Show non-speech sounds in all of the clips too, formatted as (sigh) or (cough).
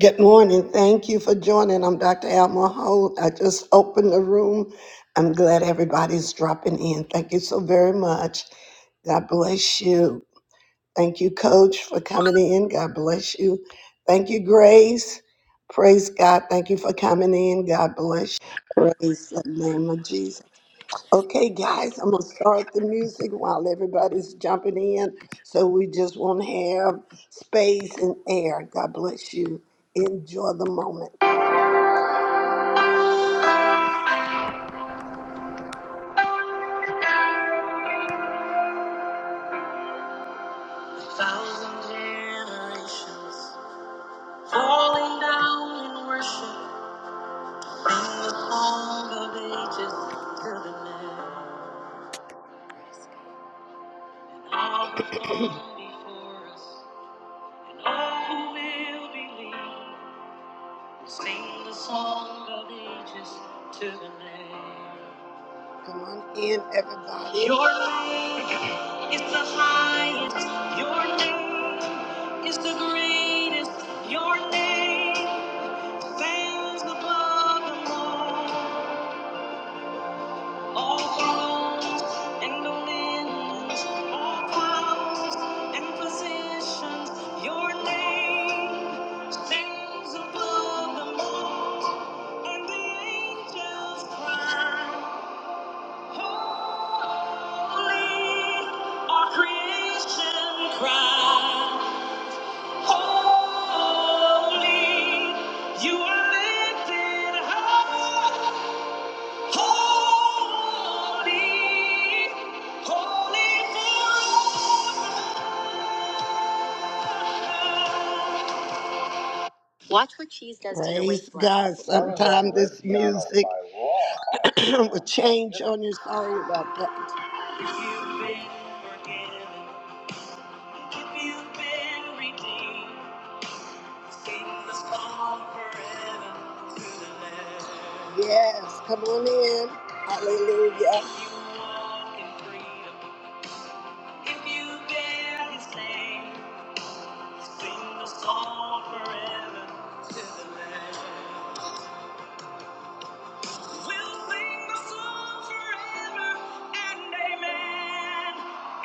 Good morning. Thank you for joining. I'm Dr. Alma Holt. I just opened the room. I'm glad everybody's dropping in. Thank you so very much. God bless you. Thank you, Coach, for coming in. God bless you. Thank you, Grace. Praise God. Thank you for coming in. God bless you. Praise the name of Jesus. Okay, guys, I'm gonna start the music while everybody's jumping in. So we just want to have space and air. God bless you. Enjoy the moment. Thousand generations falling down in worship, sing the song of ages to the Lamb. All who's before us and all who will believe, sing the song of ages to the Lamb. Come on in, everybody. Your name is the highest. Your name is the greatest. Your name stands above them all. All thrones and dominions, all powers and positions. Your name stands above them all. And the angels cry. Holy, our creation cries. Holy, you are lifted high. Holy, holy forever. Watch what cheese does to your Praise waistline. God, sometimes this music (coughs) (clears throat) will change on you. Sorry about that. You've been forgiven. Yes, come on in. Hallelujah. if you bear his name, sing the song forever to the Lamb. We'll sing the song forever and amen.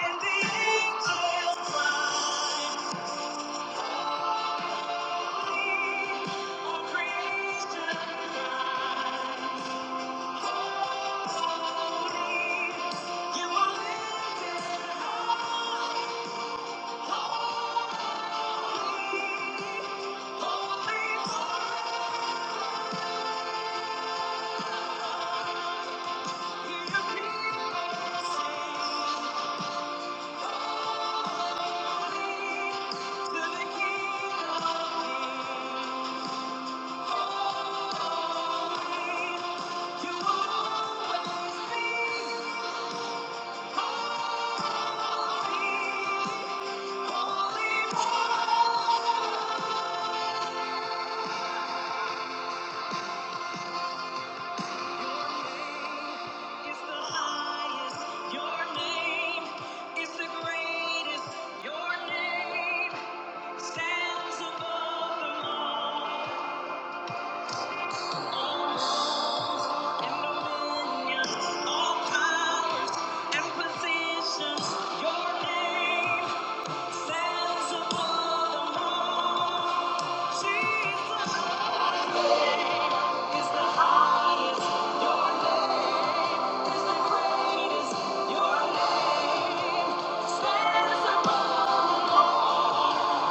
And the angels cry. All creation You are Stands above them all.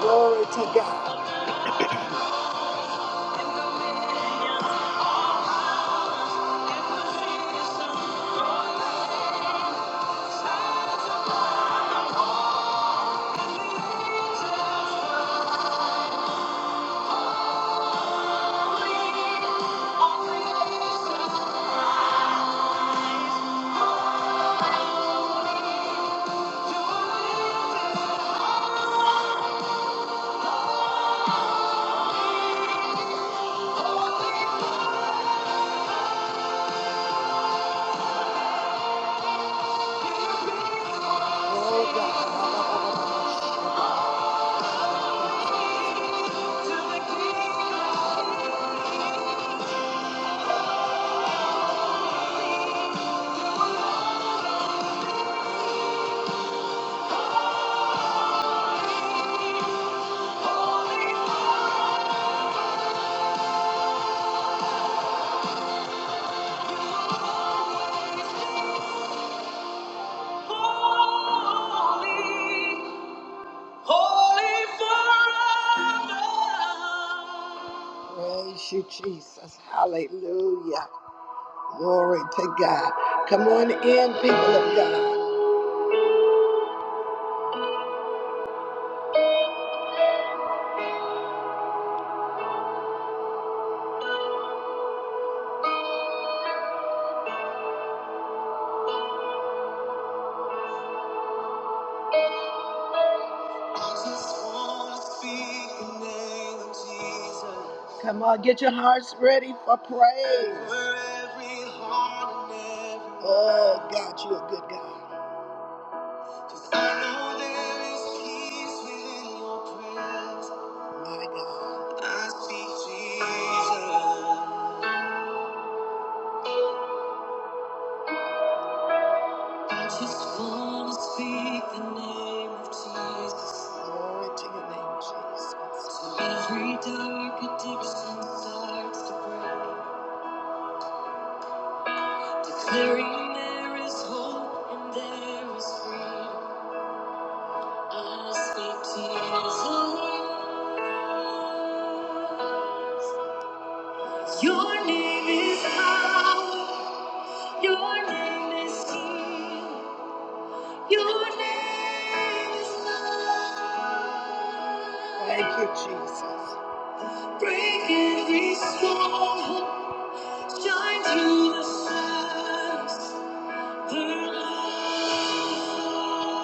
Glory to God. Oh God. Holy forever. Praise you, Jesus. Hallelujah. Glory to God. Come on in, people of God. I just wanna speak the name of Jesus. Come on, get your hearts ready for praise. Over every heart and every- mind. Oh, God, you're a good God. I know there is peace within your presence. My God. I speak Jesus. I just want to speak the name of Jesus. Glory to your name, Jesus. So every dark addiction starts to break. Declaring there is hope and there is freedom. I speak Jesus. Your name is power. Your name is healing. Your name is love. Thank you, Jesus. Break every stronghold. Shine through the shadows. Her love.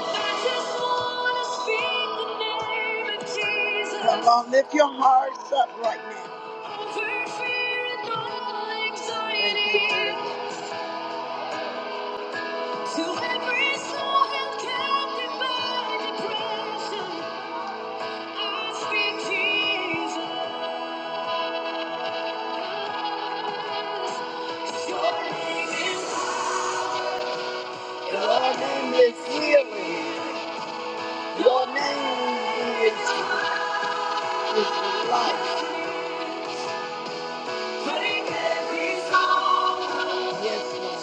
I just wanna speak the name of Jesus. Come on, lift your hearts up right now. Over fear and all anxiety. Thank you, Jesus. To every soul captive by depression, I speak Jesus. Your name is, your name is, is life. Yes, Lord.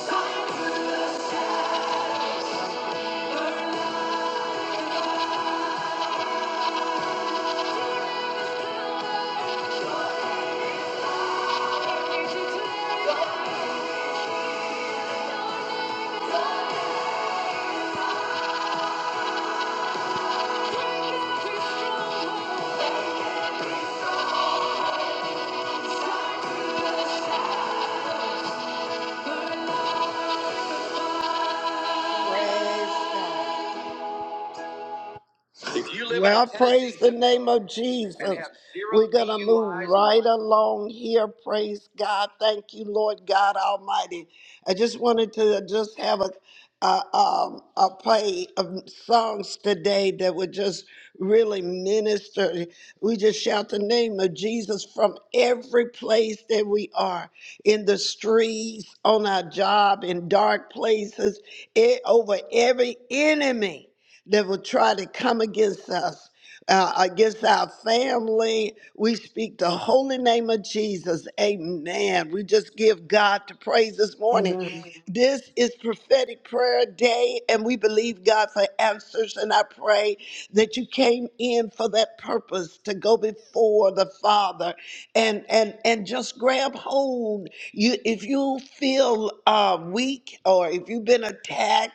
Praise God. You live Well, in Tennessee praise Tennessee the name of and Jesus. and have zero We're going to move DUIs and right along here. Praise God. Thank you, Lord God Almighty. I just wanted to just have a a, um, a play of songs today that would just really minister. We just shout the name of Jesus from every place that we are in the streets, on our job, in dark places, e- over every enemy that will try to come against us, uh, against our family. We speak the holy name of Jesus. Amen. We just give God the praise this morning. Amen. Amen. This is prophetic prayer day, and we believe God for answers. And I pray that you came in for that purpose to go before the Father and and and just grab hold. You if you feel uh, weak or if you've been attacked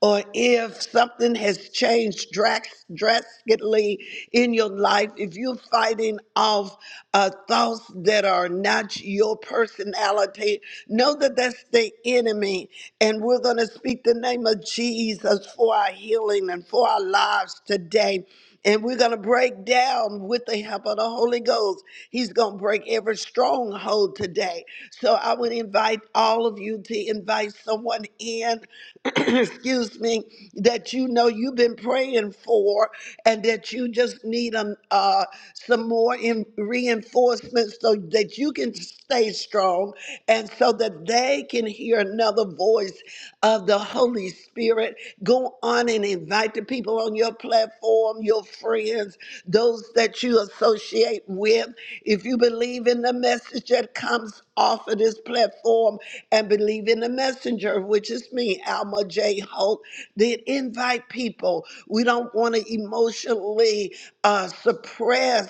or if something has changed drax- drastically in your life, if you're fighting off uh, thoughts that are not your personality, know that that's the enemy. And we're going to speak the name of Jesus for our healing and for our lives today. And we're going to break down with the help of the Holy Ghost. He's going to break every stronghold today. So I would invite all of you to invite someone in. (clears throat) excuse me, that you know you've been praying for and that you just need um, uh, some more in reinforcement so that you can stay strong and so that they can hear another voice of the Holy Spirit. Go on and invite the people on your platform, your friends, those that you associate with. If you believe in the message that comes off of this platform, and believe in the messenger, which is me, Alma J. Holt, then invite people. We don't want to emotionally uh, suppress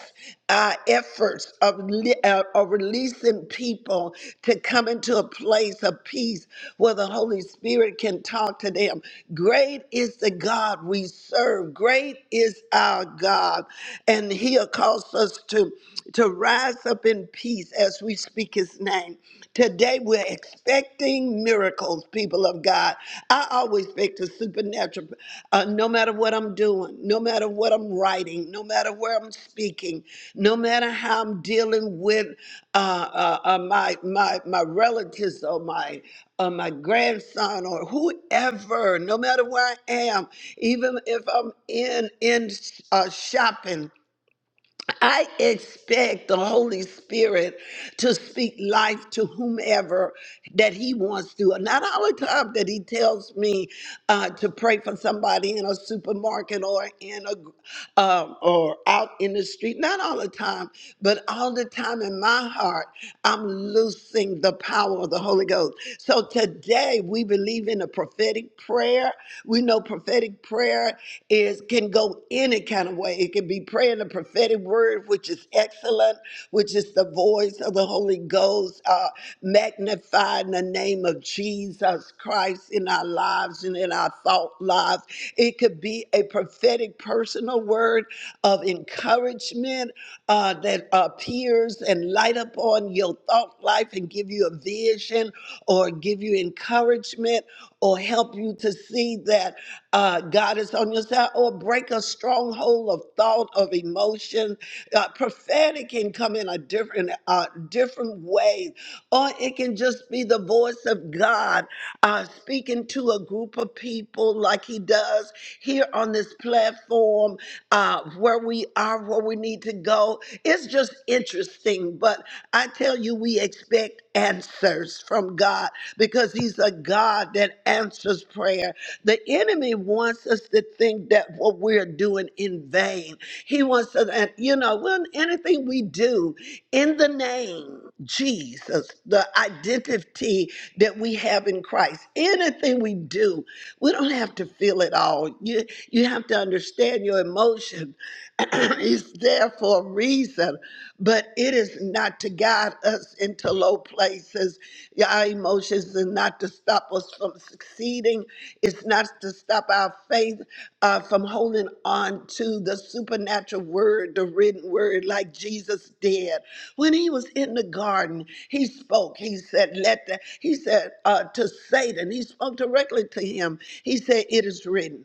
uh, efforts of, li- uh, of releasing people to come into a place of peace where the Holy Spirit can talk to them. Great is the God we serve. Great is our God. And He'll cause us to, to rise up in peace as we speak His name. Today, we're expecting miracles, people of God. I always expect the supernatural, uh, no matter what I'm doing, no matter what I'm writing, no matter where I'm speaking. No matter how I'm dealing with uh, uh, uh, my my my relatives or my uh, my grandson or whoever, no matter where I am, even if I'm in in uh, shopping I expect the Holy Spirit to speak life to whomever that He wants to. Not all the time that He tells me uh, to pray for somebody in a supermarket or in a um, or out in the street. Not all the time, but all the time in my heart, I'm loosing the power of the Holy Ghost. So today we believe in a prophetic prayer. We know prophetic prayer is can go any kind of way. It can be praying the prophetic word, which is excellent, which is the voice of the Holy Ghost, uh, magnifying the name of Jesus Christ in our lives and in our thought lives. It could be a prophetic personal word of encouragement uh, that appears and light up on your thought life and give you a vision or give you encouragement or help you to see that uh, God is on your side, or break a stronghold of thought, of emotion. Uh, prophetic can come in a different, uh, different way, or it can just be the voice of God uh, speaking to a group of people, like He does here on this platform, uh, where we are, where we need to go. It's just interesting, but I tell you, we expect answers from God because He's a God that answers prayer. The enemy wants us to think that what we're doing in vain. He wants us, and you know, when anything we do in the name Jesus, the identity that we have in Christ, anything we do, we don't have to feel it all. You you have to understand your emotion. (clears throat) it's there for a reason, but it is not to guide us into low places. Yeah, Our emotions are not to stop us from succeeding it's not to stop our faith uh, from holding on to the supernatural word, the written word, like Jesus did. When he was in the garden, he spoke. He said, Let the, he said uh, to Satan, he spoke directly to him. He said, It is written.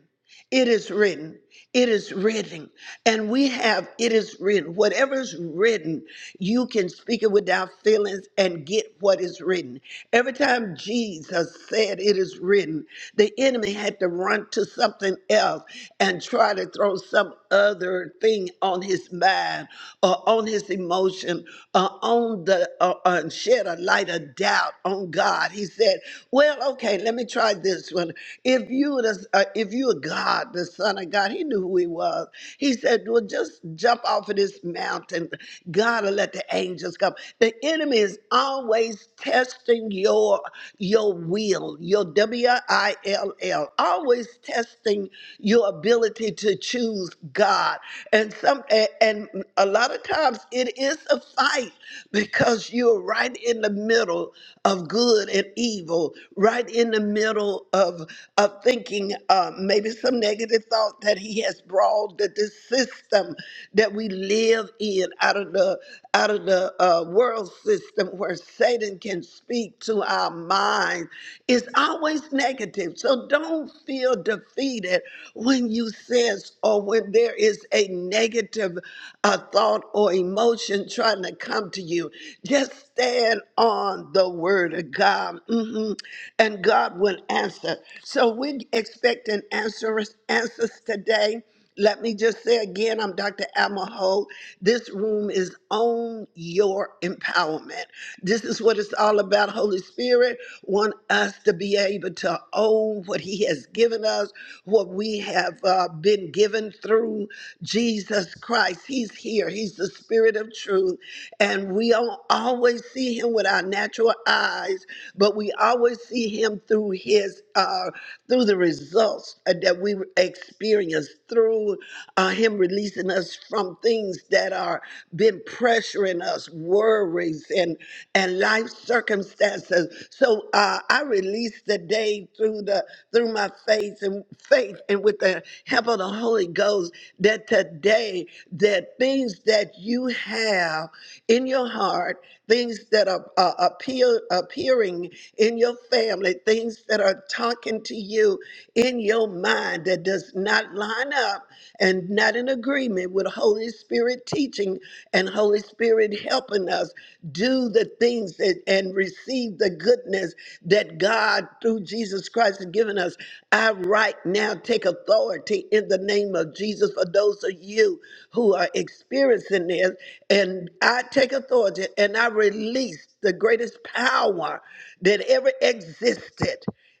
It is written. It is written. And we have it is written. Whatever is written, you can speak it without feelings and get what is written. Every time Jesus said it is written, the enemy had to run to something else and try to throw some other thing on his mind or on his emotion or on the uh, uh, shed a light of doubt on God. He said, "Well, okay, let me try this one. If you the, uh, if you are God, the Son of God, He knew who He was. He said, "Well, just jump off of this mountain. God will let the angels come." The enemy is always testing your your will, your W I L L, always testing your ability to choose God. And some a- and a lot of times it is a fight because you're right in the middle of good and evil, right in the middle of of thinking uh, maybe some negative thought that he has brought to this system that we live in out of the out of the uh, world system where Satan can speak to our mind is always negative. So don't feel defeated when you sense or when there is a negative uh, thought or emotion trying to come to you. Just stand on the word of God, Mhm. and God will answer. So we expect an answer answers today. Let me just say again, I'm Dr. Alma Holt. This room is on your empowerment. This is what it's all about. Holy Spirit want us to be able to own what He has given us, what we have uh, been given through Jesus Christ. He's here. He's the Spirit of Truth, and we don't always see Him with our natural eyes, but we always see Him through His. Uh, through the results uh, that we experience, through uh, Him releasing us from things that are been pressuring us, worries and and life circumstances. So uh, I release the day through the through my faith and faith and with the help of the Holy Ghost that today that things that you have in your heart things that are uh, appear, appearing in your family, things that are talking to you in your mind that does not line up and not in agreement with Holy Spirit teaching and Holy Spirit helping us do the things that, and receive the goodness that God through Jesus Christ has given us. I right now take authority in the name of Jesus for those of you who are experiencing this. And I take authority and I release the greatest power that ever existed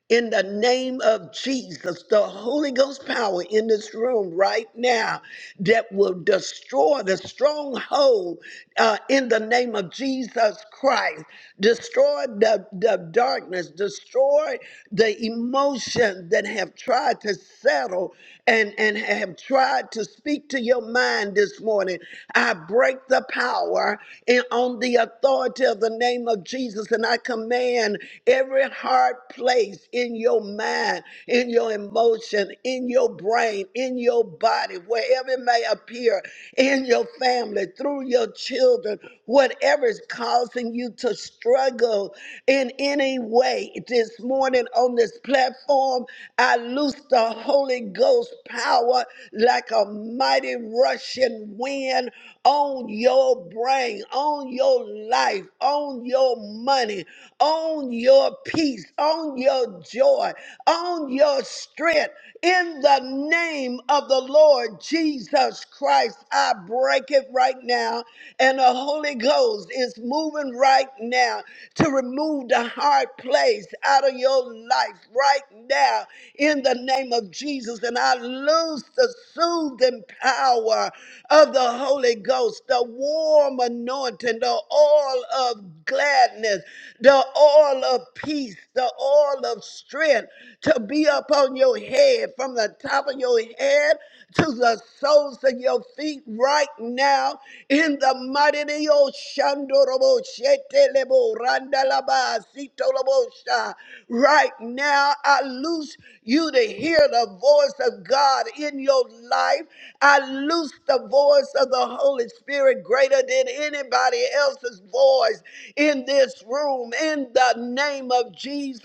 in the name of Jesus, the Holy Ghost power in this room right now that will destroy the stronghold uh, in the name of Jesus Christ. Destroy the, the darkness, destroy the emotions that have tried to settle people and, and have tried to speak to your mind this morning, I break the power and on the authority of the name of Jesus. And I command every hard place in your mind, in your emotion, in your brain, in your body, wherever it may appear, in your family, through your children, whatever is causing you to struggle in any way this morning on this platform. I loose the Holy Ghost power like a mighty rushing wind on your brain, on your life, on your money, on your peace, on your joy, on your strength. In the name of the Lord Jesus Christ, I break it right now. And the Holy Ghost is moving right now to remove the hard place out of your life right now in the name of Jesus. And I lose the soothing power of the Holy Ghost, the warm anointing, the oil of gladness, the oil of peace, the oil of strength to be upon your head from the top of your head to the soles of your feet right now in the mighty name of Shandorobo Shetelebo Randalaba Sitolobo Sha. Right now, I loose you to hear the voice of God in your life, I loose the voice of the Holy Spirit greater than anybody else's voice in this room. In the name of Jesus,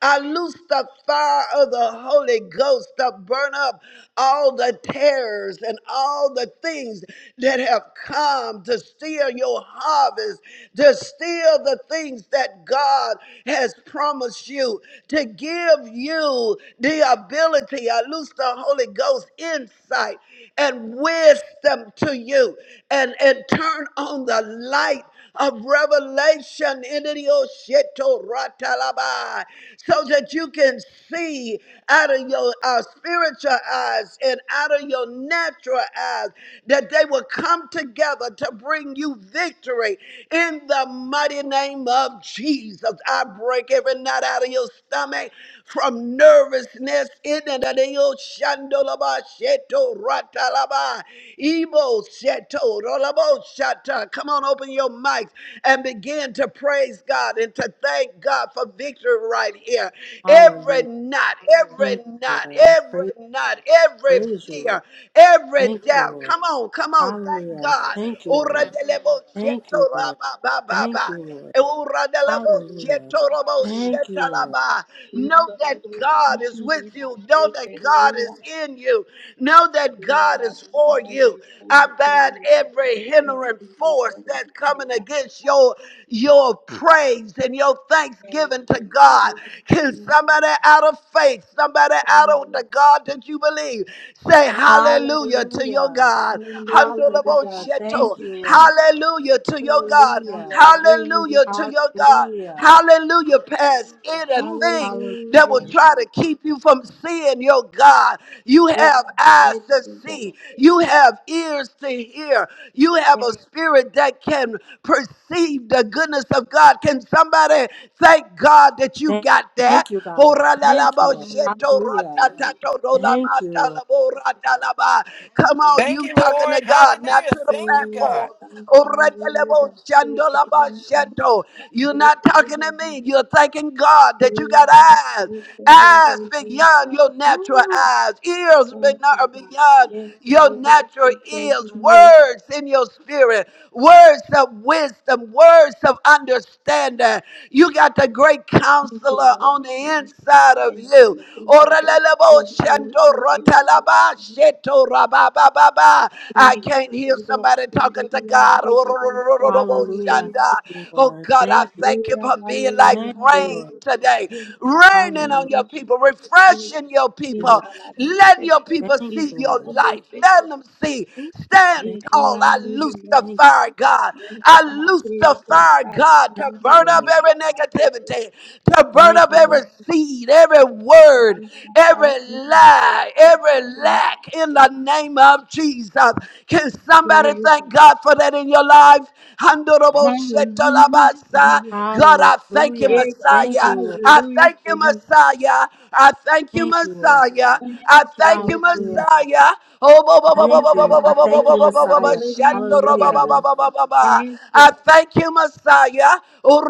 I loose the fire of the Holy Ghost to burn up all the terrors and all the things that have come to steal your harvest, to steal the things that God has promised you, to give you the ability. I loose the Holy Ghost insight and wisdom to you and, and turn on the light of revelation into the Osheto Ratalabai, so that you can see out of your uh, spiritual eyes and out of your natural eyes that they will come together to bring you victory in the mighty name of Jesus. I break every knot out of your stomach from nervousness in the name of Shandolaba Sheto Ratalaba Ebo Sheto Rolabo Shata. Come on, open your mics and begin to praise God and to thank God for victory right here. Every Hallelujah. knot, every Thank you, knot, Lord. I every praise knot, every praise you, fear, Lord. every Thank you, doubt. Lord. Come on, come on, thank Hallelujah. God. Thank you, Ora Lord. delebo Thank sheto you, Lord. raba ba ba Thank ba. you, Lord. Hallelujah. Hallelujah, Thank you, Lord. Euradelaboshetorobosetalaba. Know that God is with you. Know that God is in you. Know that God is for you. I ban every hindering force that's coming against your, your praise and your thanksgiving to God. Can somebody out of faith, somebody out of the God that you believe, say hallelujah to your Hallelujah. God. God. Hallelujah. Hallelujah. Thank Thank you, you, Lord. Jesus. Hallelujah to your God. Hallelujah. Hallelujah, Hallelujah to God. your God. Hallelujah. Hallelujah, past Ooh, anything hallelujah. that Hallelujah, will try Jesus. to keep you from seeing your God. You Oh, have God, we eyes lift to it up, see, oh, you have ears to hear, you have Yes, a spirit that can perceive the goodness of God. Can somebody thank God that you Thank, got that? thank you, Come God. Thank you, we Lord. lift it up, oh, Hallelujah. we lift it up. Thank you, Lord. on, Thank you you, talking to Lord. God, not Hallelujah. to the Thank Thank you, you, God. platform. God. Oredelebo shandolaba shando. You're not talking to me. You're thanking God that you got eyes, eyes beyond your natural Ooh, eyes, ears beno- beyond Yes, the your label natural says thank ears, you. words in your spirit, words of wisdom, words of understanding. You got the great Thank counselor you, Lord. on the inside of Yes, you. the two labels. Thank Orelelebo shando rotalaba sheto I you, can't the hear Lord. somebody Thank you, the talking to Lord. God. Thank you, Oh the Lord. hallelujah. Thank you, Yes, Lord. God, I Thank you. thank you for being like Thank you, rain Lord. today, God. raining Thank on Hallelujah. your you, people, Jesus. refreshing your in Thank people, Alama letting your Central, people you, in see your Lord. Alamo light, letting Central, them see. Stand in tall. Alama I loose New the Thank you, Father. fire, God. Yes, I God, loose we the live on yeah. fire, God, Thank to Alama you, burn up in Lord. every Alama Central. negativity, to burn Thank up you, Lord. We every seed, every word, Alama every in Alama lie supply every Central. lack in the name of Jesus. Can somebody thank We God for that in your life? Hallelujah. Handorobo Hallelujah. shetalabasa. Jesus. God, I thank you, Yeah, Hallelujah. God. Thank Messiah. you, Lord. I Hallelujah thank to you, you. Messiah. I thank you, Thank you, Lord. Messiah. I Thank you, thank you, Lord Jesus. Hallelujah. Messiah. Oh, Thank you. God, I thank you, bless your Messiah. holy name, God. Yes, Hallelujah. God. Thank you. I thank you, Messiah.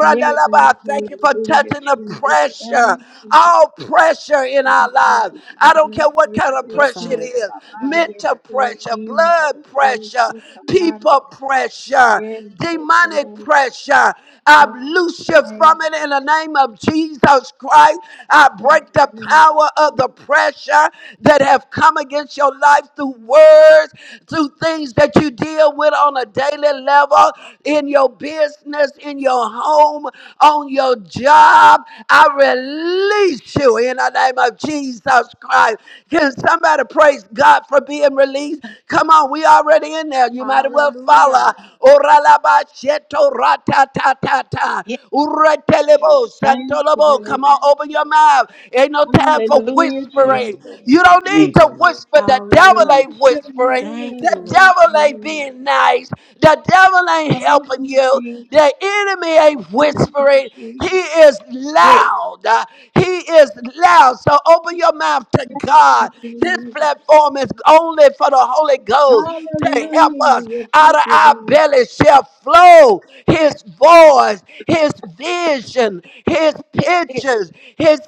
Yes, Lord, Thank you for hallelujah, touching the Jesus. pressure, Thank you, Lord, all pressure in for the our lives. righteous I don't man care what who kind of said pressure it here, Messiah. is Baba, yes, mental say pressure, in the blood Lord pressure, who commanded. people pressure, Yes, so demonic total, pressure. I yes, loose you thank from it you. in the name of Jesus Christ. I In break the the name of power of the Jesus. pressure that have come against your life through words, through things that you deal with on a daily level, in your business, in your home, on your job. I release you in the name of Jesus Christ. Can somebody praise God for being released? Come on, we already in there. You might as well follow. Hallelujah. Oralabasheto ratatatata. Yes, Uretelebo thank you, santolobo. Come Lord. on, open your mouth. Ain't no time for Lord. Hallelujah, Thank you, whispering. Jesus. You. Lord. You don't need Thank you, to Lord. whisper. The devil Hallelujah. ain't Bless your whispering. Thank name, you, The Lord. Lord devil ain't Jesus. being nice. The devil ain't Thank helping you, you. Jesus. The enemy ain't Thank you, whispering. Jesus. He is Yes, loud. Uh, He is loud. So open your mouth to thank you, God. This Jesus. platform is only for the Holy Ghost to help us. Hallelujah. Out Thank of you, our Lord. belly shall flow his voice, his vision, his pictures, his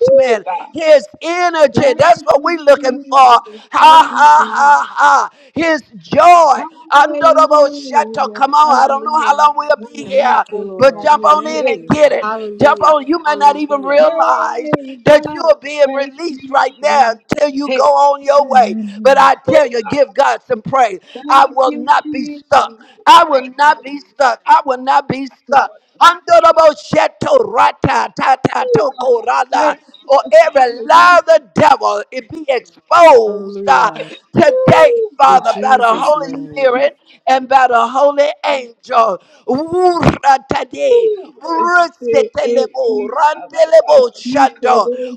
Woo, God. his energy. That's Thank what you, we're looking for. Ha Jesus. Thank you, ha Jesus. ha ha. His joy. Andorobo Shato. Hallelujah. Come on, I Thank don't you, know Hallelujah. how Lord. long we'll be I Thank gotta here you, go but Lord. find jump you. on in Thank and Hey, you. get it. Jump Hallelujah. on. You may not even Hallelujah. realize Yay, that you God. are being Thank released you, right now Jesus. until you Hey, go on your way. But Amen. I woo, tell you, God. give God some praise. I Thank will you, not be stuck. Jesus. I will Thank not be stuck. I will not be you, stuck. Lord. Woo, God. Handorabo sheto rata tata toko Thank rada. you. Or every lie Hallelujah. of the devil, it be exposed uh, Hallelujah. today, Woo, In Father, God. by the Jesus' Thank Holy you, name. Jesus. Spirit and by the Holy Angel. Wura tade, Ooh, este, eh, y abarca randelebo cinco, shando, dos,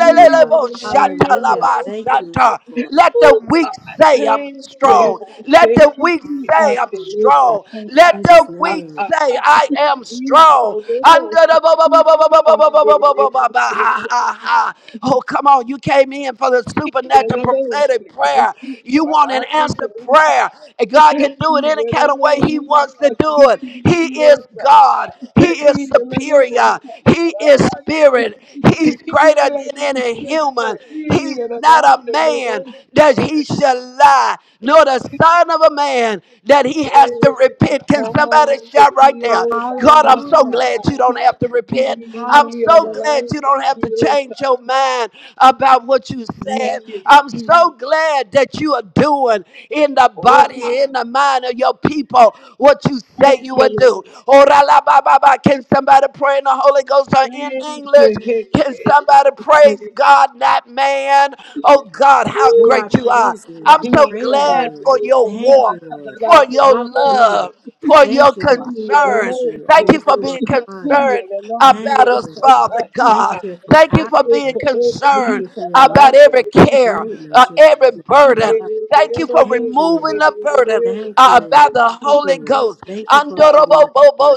y abarca, Hallelujah. shatalaba Thank dos, you, santa. tres. Lord. Let the Ooh, God, weak say, I'm thank you, Lord, strong. Let thank the you, weak y say, I'm adelebo, In strong. santa, Let y Jesus' the ah, weak name. ah, say, ah. I am strong. Cinco, Under dos, the thank ba- ba- you, ba- ba- y ba- ba- ba- ba- ba- ba- ba- ba- adelebo, ba- ba- thank ha- ha- you. ha. Oh, come on. You came in for the Y supernatural adelebo, prophetic thank prayer. you, y You want an answer adelebo, prayer. And God Thank can do you, it any kind of way way He Jesus. wants to do it. He is God. He is superior. He is spirit. He's greater than any human. He's not a man that he shall lie, nor the son of a man that he has to repent. Can somebody shout right there? God, I'm so glad Hallelujah. you don't have to repent. I'm so Hallelujah. glad you don't have to change your mind about what you said. I'm so glad that you are doing in the Oh God. body, in the mind of your people, what you say Thank you will you, do. Lord. Ora la ba ba ba. Can somebody pray in the Holy Ghost or in Thank English? you. Can Hey, somebody hey, hey. praise God, that man? Oh God, how Who Ooh, I great you are. Jesus, praise you. I I'm so Jesus, praise i glad you. for the your most high, Thank warmth, you, Lord. for I'm the most your love high. Hallelujah. for your Thank you, Lord. He I concern. praise alone you. I said, Thank you lift for you on being high. He concerned alone the Thank about most us, you, Lord. Father high, he Thank you God. not for your the Thank you right. compassion. for He being command the Thank concerned weak, you for and your about mercy, I'm the every most care, high. uh, greatness, your every goodness, He your burden. love. Thank you alone the for Thank most you, high, removing he Lord. the burden alone Thank uh, you. by the the Thank Holy you. most Ghost. Thank you for high. moving us. Andorobobobo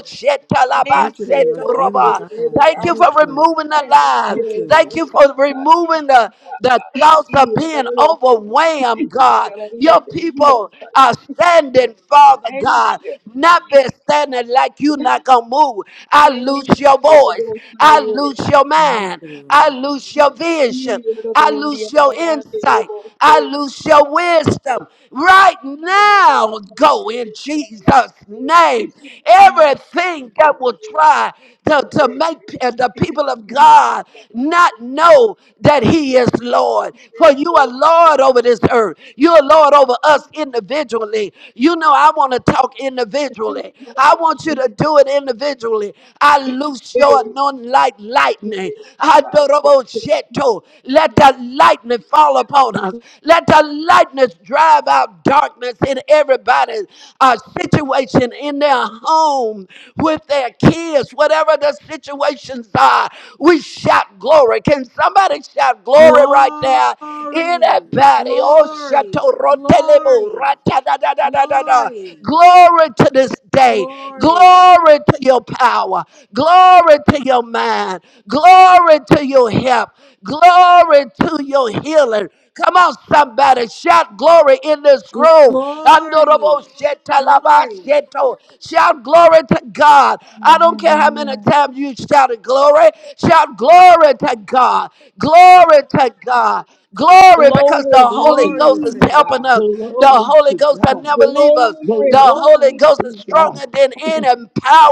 Thank Thank you that you, you're the most giving high, shetalabasetoba. God. Thank you for yeah, Thank you. removing the thank lies. Thank you, the you. Thank most you for high. removing the, the thoughts He of being alone said, overwhelmed, He God. alone Your the people most high. are standing, Father God. Thank God. you. Not been standing like you not gonna move. I Hey, lose your yo no voice. puedo estar I ahí. lose Hallelujah. your Thank mind. I you, lose your vision. Y yo no I tengo un día lose your para que le insight. I guste. lose your wisdom right now. Go in Jesus' name. Everything that will try to, to make uh, the people of God not know that He is Lord. For you are Lord over this earth. You are Lord over us individually. You know, I want to talk individually. I want you to do it individually. I loose your anointing like lightning. Adorobosheto. Let the lightning fall upon us. Let the lightness drive out darkness in everybody's uh, situation in in their home with their kids, whatever the situations are. We shout glory. Can somebody shout glory right Lord. there? Glory, Anybody? Oh, glory, shato rotelebo glory, rata da da da da da da. glory, Glory to this day. glory, Glory to your power. Glory to your mind. Glory to your help. Glory to your healing. Come on, somebody. Shout glory in this room. glory, Andorobo sheta laba glory, sheto. Shout glory to God. I Amen. don't care how many Hallelujah. times you shouted glory. Shout glory to God. Glory to God. Glory God. because the Glory, Holy So Ghost Glory is to hallelujah, helping God. us. The glory Holy to Ghost will God. never Glory, leave us. The Holy Glory Ghost is to God. stronger than (laughs) any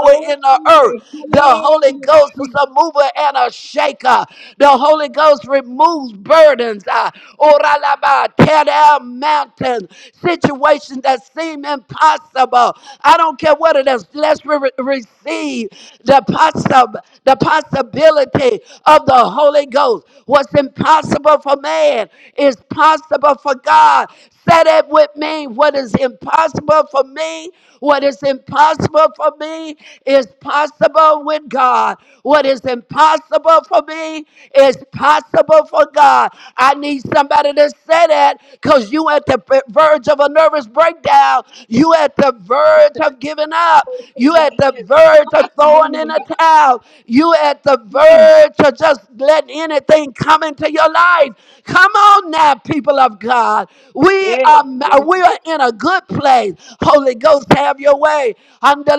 glory, in the earth. The Holy hallelujah, Ghost is Jesus. a mover and a shaker. The Holy Holy Ghost removes burdens. Uh, Oralaba, tear down mountains, situations that seem impossible. I don't care what it is. Let's re- receive the, possi- the possibility of the Holy Ghost. What's impossible for man is possible for God. Said it with me. What is impossible for me, what is impossible for me is possible with God. What is impossible for me is possible for God. I need somebody to say that because you at the verge of a nervous breakdown. You at the verge of giving up. You at the It is verge of possible throwing in in a God. towel. You at the Mm, verge of just letting anything come into your life. Come on now, people of God. We Yes, are yes, we are in a good place. Holy Ghost, have your way.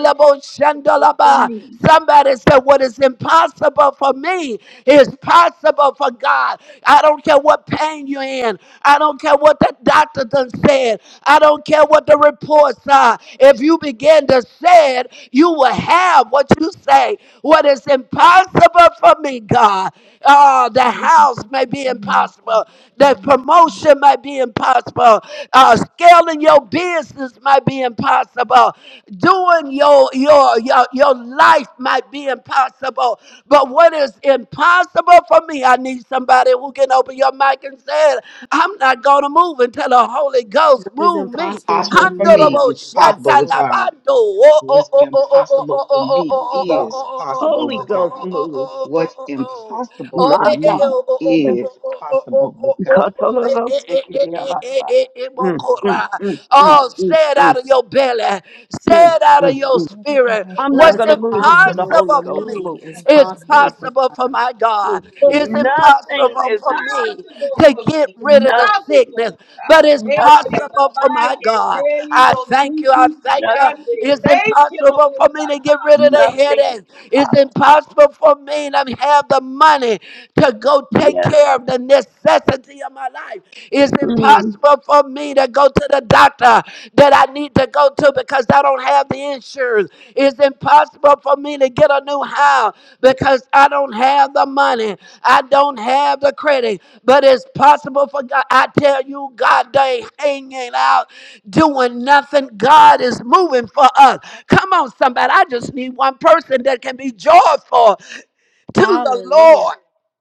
it's possible for shandalaba. me. Somebody said, What is impossible for me is possible for God. I don't care what pain you're in. I don't care what the doctor done said. I don't care what the reports are. If you begin to say it, you will have what you say. What is impossible for me, God. Uh, the It is house impossible may be for me. It's possible. impossible. for The me. promotion may be impossible Impossible scaling your business might be impossible. Doing your your your your life might be impossible. But what is impossible for me? I need somebody who can open your mic and say, "I'm not gonna move until the Holy Ghost What is move What's me." impossible for impossible for me me is is possible with possible. God. What's impossible for me The is possible Holy with Ghost God. move. What's impossible for My God. me is possible with (laughs) God. Kotolobosikidiabasa. Mm, mm, mm, mm, mm, Oh, say it mm, out of your belly. Say mm, it out of mm. your What is spirit. I'm not impossible What's is What's going to for move until me. the impossible It's Holy for impossible for Ghost me me moves. is possible is for me. possible Mm, for possible God. for my mm, mm. God. (laughs) Oh It's God, Nothing it's impossible is for impossible. me impossible to for get me. It's rid of rid of the possible Nothing. sickness, for but God. it's Hey, Nothing is possible for Rabbi, my God. impossible. Teddy, I thank you. I Bosuki, thank you. Nothing. Beyonce. It's Thank you, Lord impossible for me to get God. rid of the Nothing is headache. It's impossible. impossible for me to have the money to go take Yes. care of the necessity of my life. It's Mm-hmm. impossible for me to go to the doctor that I need to go to because I don't have the insurance. It's impossible for me to get a new house because I don't have the money. I don't have the credit. But it's possible for God. I tell you, God, they hanging out doing nothing. God is moving for us. Come on, somebody. I just need one person that can be joyful to the Lord Hallelujah.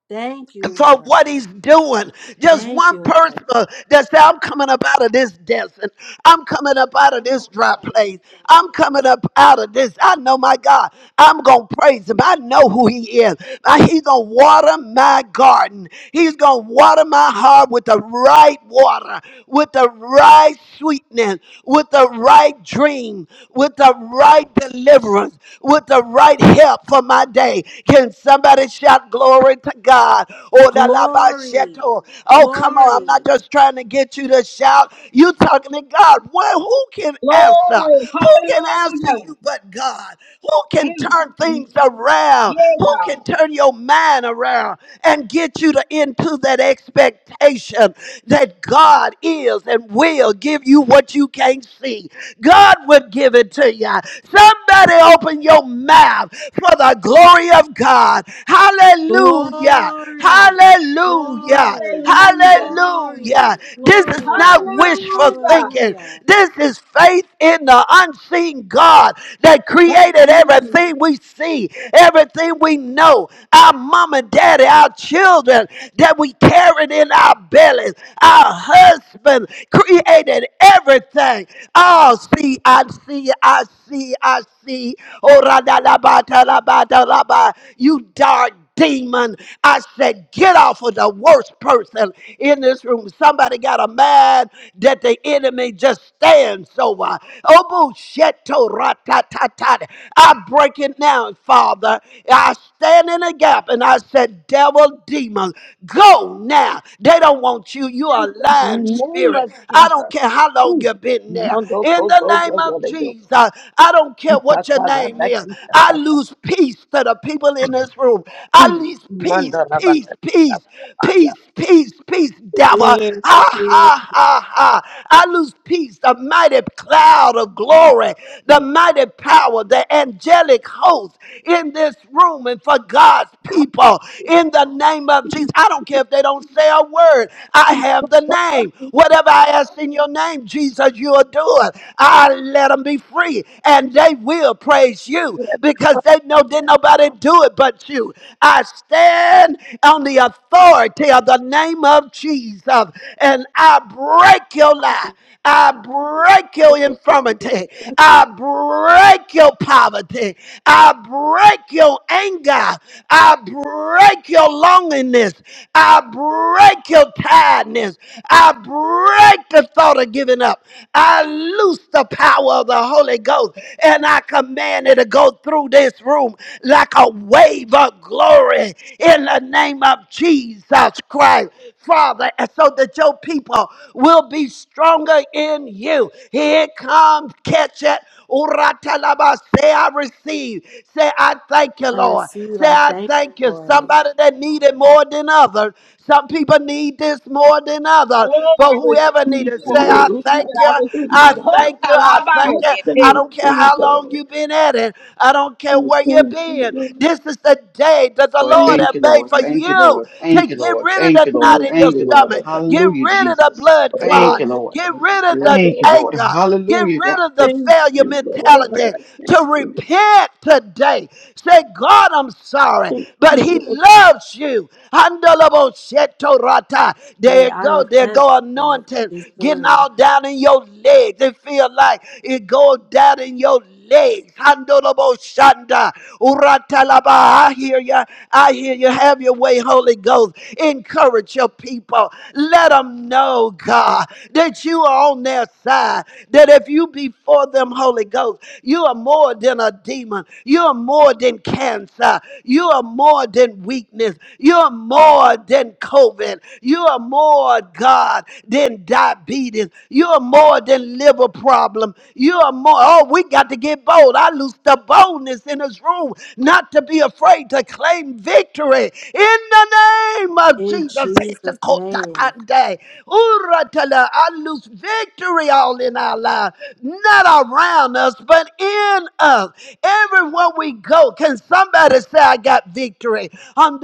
Thank you, for Lord. what he's doing. Just Thank one you. person that said, I'm coming up out of this desert. I'm coming up out of this dry place. I'm coming up out of this. I know my God. I'm going to praise him. I know who he is. Uh, He's going to water my garden. He's going to water my heart with the right water with the right sweetness, with the right dream, with the right deliverance, with the right help for my day. Can somebody shout glory to God? Oh, la la ba Glory, sheto. Oh, come on. I'm glory, not just trying to get you to shout. You talking to God. Well, who can answer? Glory, Who can answer hallelujah. you but God? Who Mm, can turn mm, things mm. around? Yeah, Who God. can turn your mind around and get you to into that expectation that God is and will give you what you can't see? God would give it to you. Somebody open your mouth for the glory of God. Hallelujah. glory, Hallelujah. glory, Hallelujah. glory, Hallelujah. This glory, is not Lord. wishful Hallelujah. thinking. Hallelujah. This is faith in the unseen God that Thank created you, Jesus. everything we see, everything we know, our mom and daddy, our children that we carried in our bellies, our husband created everything. Oh, Oh, see, I see, I see, I see. Oh, ra-da-da-ba-ta-da-ba-ta-da-ba. you dark demon. I said, get off of the worst person in this room. Somebody got a man that the enemy just stands over. Oh, bullshetto, ra-ta-ta-ta. I break it now, Father. I stand in a gap and I said, devil, demon, go now. They don't want you. You in are a the lying name spirit. of I don't Jesus. care how long Mm. you've been there Mando there. In the koto name of gogorego. Jesus, I don't care what your Itakala name is. baki I lose peace to the people in this room. I Mm. lose peace, Mando peace, rabaka peace, peace, takapaya. peace, peace, devil. Ha, Mm. ha, ha, ha. I lose peace, the mighty cloud of glory, the Mm. mighty power, the angelic host in this room and for God's people. In the name of Jesus, I don't care if they don't say a word. I have the name. Whatever I ask in your name, Jesus, you you are doing. I let them be free, and they will praise you because they know did nobody do it but you. I stand on the authority of the name of Jesus, and I break your lie. I break your infirmity. I break your poverty. I break your anger. I break your loneliness. I break your tiredness. I break the thought of giving up. I loose the power of the Holy Ghost and I command it to go through this room like a wave of glory in the name of Jesus Christ, Father, and so that your people will be stronger in you. Here it comes, catch it. Uratalaba, Say, I receive. Say, I thank you, I Lord. receive, Say, I I thank thank you. you, Somebody that needed more than others. Some people need this more than others. Yeah, But I whoever receive needs Cutting it, it. to say, I I you. receive I it. thank you. I thank receive I it. Lord. you. Hold thank you. till I thank I you. it. I Hey, thank don't care you, how Lord. long you've been at it. I don't care I where you've thank you, been. Lord. This is the day that the Lord, Thank Lord thank has you, you, made Lord. for Lord. Thank you, you Lord. to Thank you, get Lord. rid of Thank the you, Thank Lord. knot in your you, Thank you, Lord. stomach. Lord. Get Hallelujah, rid of the Jesus. blood Thank Oh, you, clot. I Lord. Get thank rid of you, the Thank you, Lord. Lord. anger. Get Hallelujah, rid God. of the Thank failure you, Lord. I mentality thank to you, Lord. repent today. Say, God, I'm sorry, Thank but He you, Lord. loves you. Handalabo sheto rata. There Hey, you I go. There repent, go Lord, anointing these getting things. all down in your legs. It feel like it goes down in your legs. Handolobo shanda. Uratalaba. I hear you. I hear you. Have your way, Holy Ghost. Encourage your people. Let them know, God, that you are on their side. That if you be for them, Holy Ghost, you are more than a demon. You are more than cancer. You are more than weakness. You are more than COVID. You are more, God, than diabetes. You are more than liver problem. You are more, oh, we got to get bold. I lose the boldness in this room not to be afraid to claim victory in the name of In Jesus. Jesus' name. Itakotakande. Uratala. I lose victory all in our life, not around us, but in us. Everywhere we go, can somebody say, I got victory?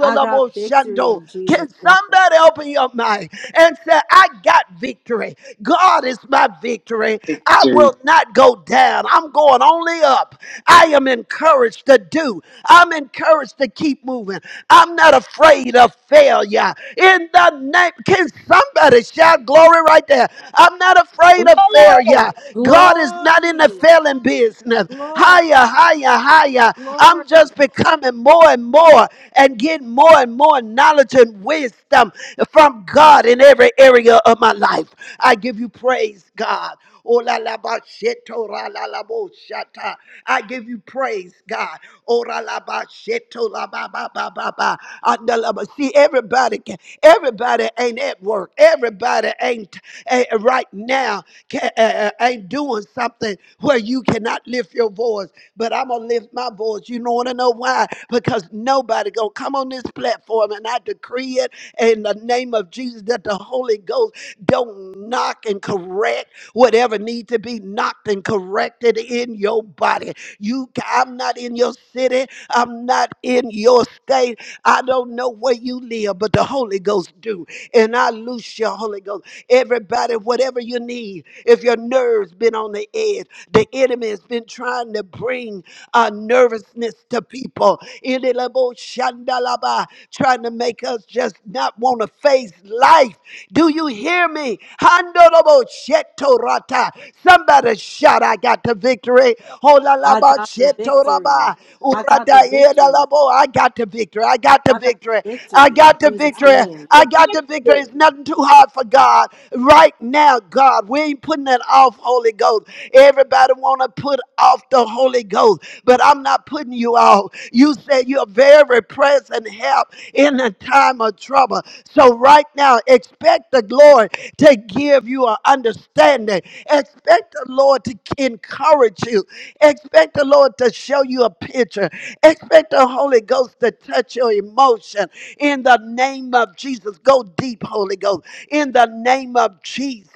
I got victory Shando. in Jesus' Can name. somebody open your mind and say, I got victory? God is my victory. I Victory. will not go down. I'm going only up. I am encouraged to do. I'm encouraged to keep moving. I'm not afraid of failure. In the name, can somebody shout glory right there? I'm not afraid of failure. Glory. God is not in the Glory, failing business. glory, Higher, higher, higher. glory. I'm just becoming more and more and getting more and more knowledge and wisdom from God in every area of my life. I give you praise, God. Oh la la ba sheto ra la la bo shata. I give you praise, God. Oh ra la ba sheto la ba ba ba ba ba. Anda la ba. See, everybody can, everybody ain't at work. Everybody ain't eh, right now can, uh, ain't doing something where you cannot lift your voice. But I'm gonna lift my voice. You know want to know why? Because nobody gonna come on this platform and I decree it in the name of Jesus that the Holy Ghost. Don't knock and correct whatever need to be knocked and corrected in your body. You, I'm not in your city. I'm not in your state. I don't know where you live, but the Holy Ghost do. And I loose your Holy Ghost. Everybody, whatever you need, if your nerves been on the edge, the enemy has been trying to bring uh, nervousness to people. Ililabo shandalaba, Trying to make us just not want to face life. Do you hear me? Handorobo sheto rata. Somebody shout, I got the victory. I Holalaba got the victory. shetoraba. I got the Urata victory. edalabo. I got the victory. I got the I got victory. the I victory in got the Jesus' I victory. name. I got forget the victory. it. It's nothing too hard for God. Right now, God, we ain't putting putting it off, Holy Ghost. Everybody want to put off the Holy Ghost, but I'm not putting you off. You said you're very present help in a time of trouble. So right now, expect the Lord to give you an understanding. Expect the Lord to encourage you. Expect the Lord to show you a picture. Expect the Holy Ghost to touch your emotion. In the name of Jesus, go deep, Holy Ghost. In the name of Jesus,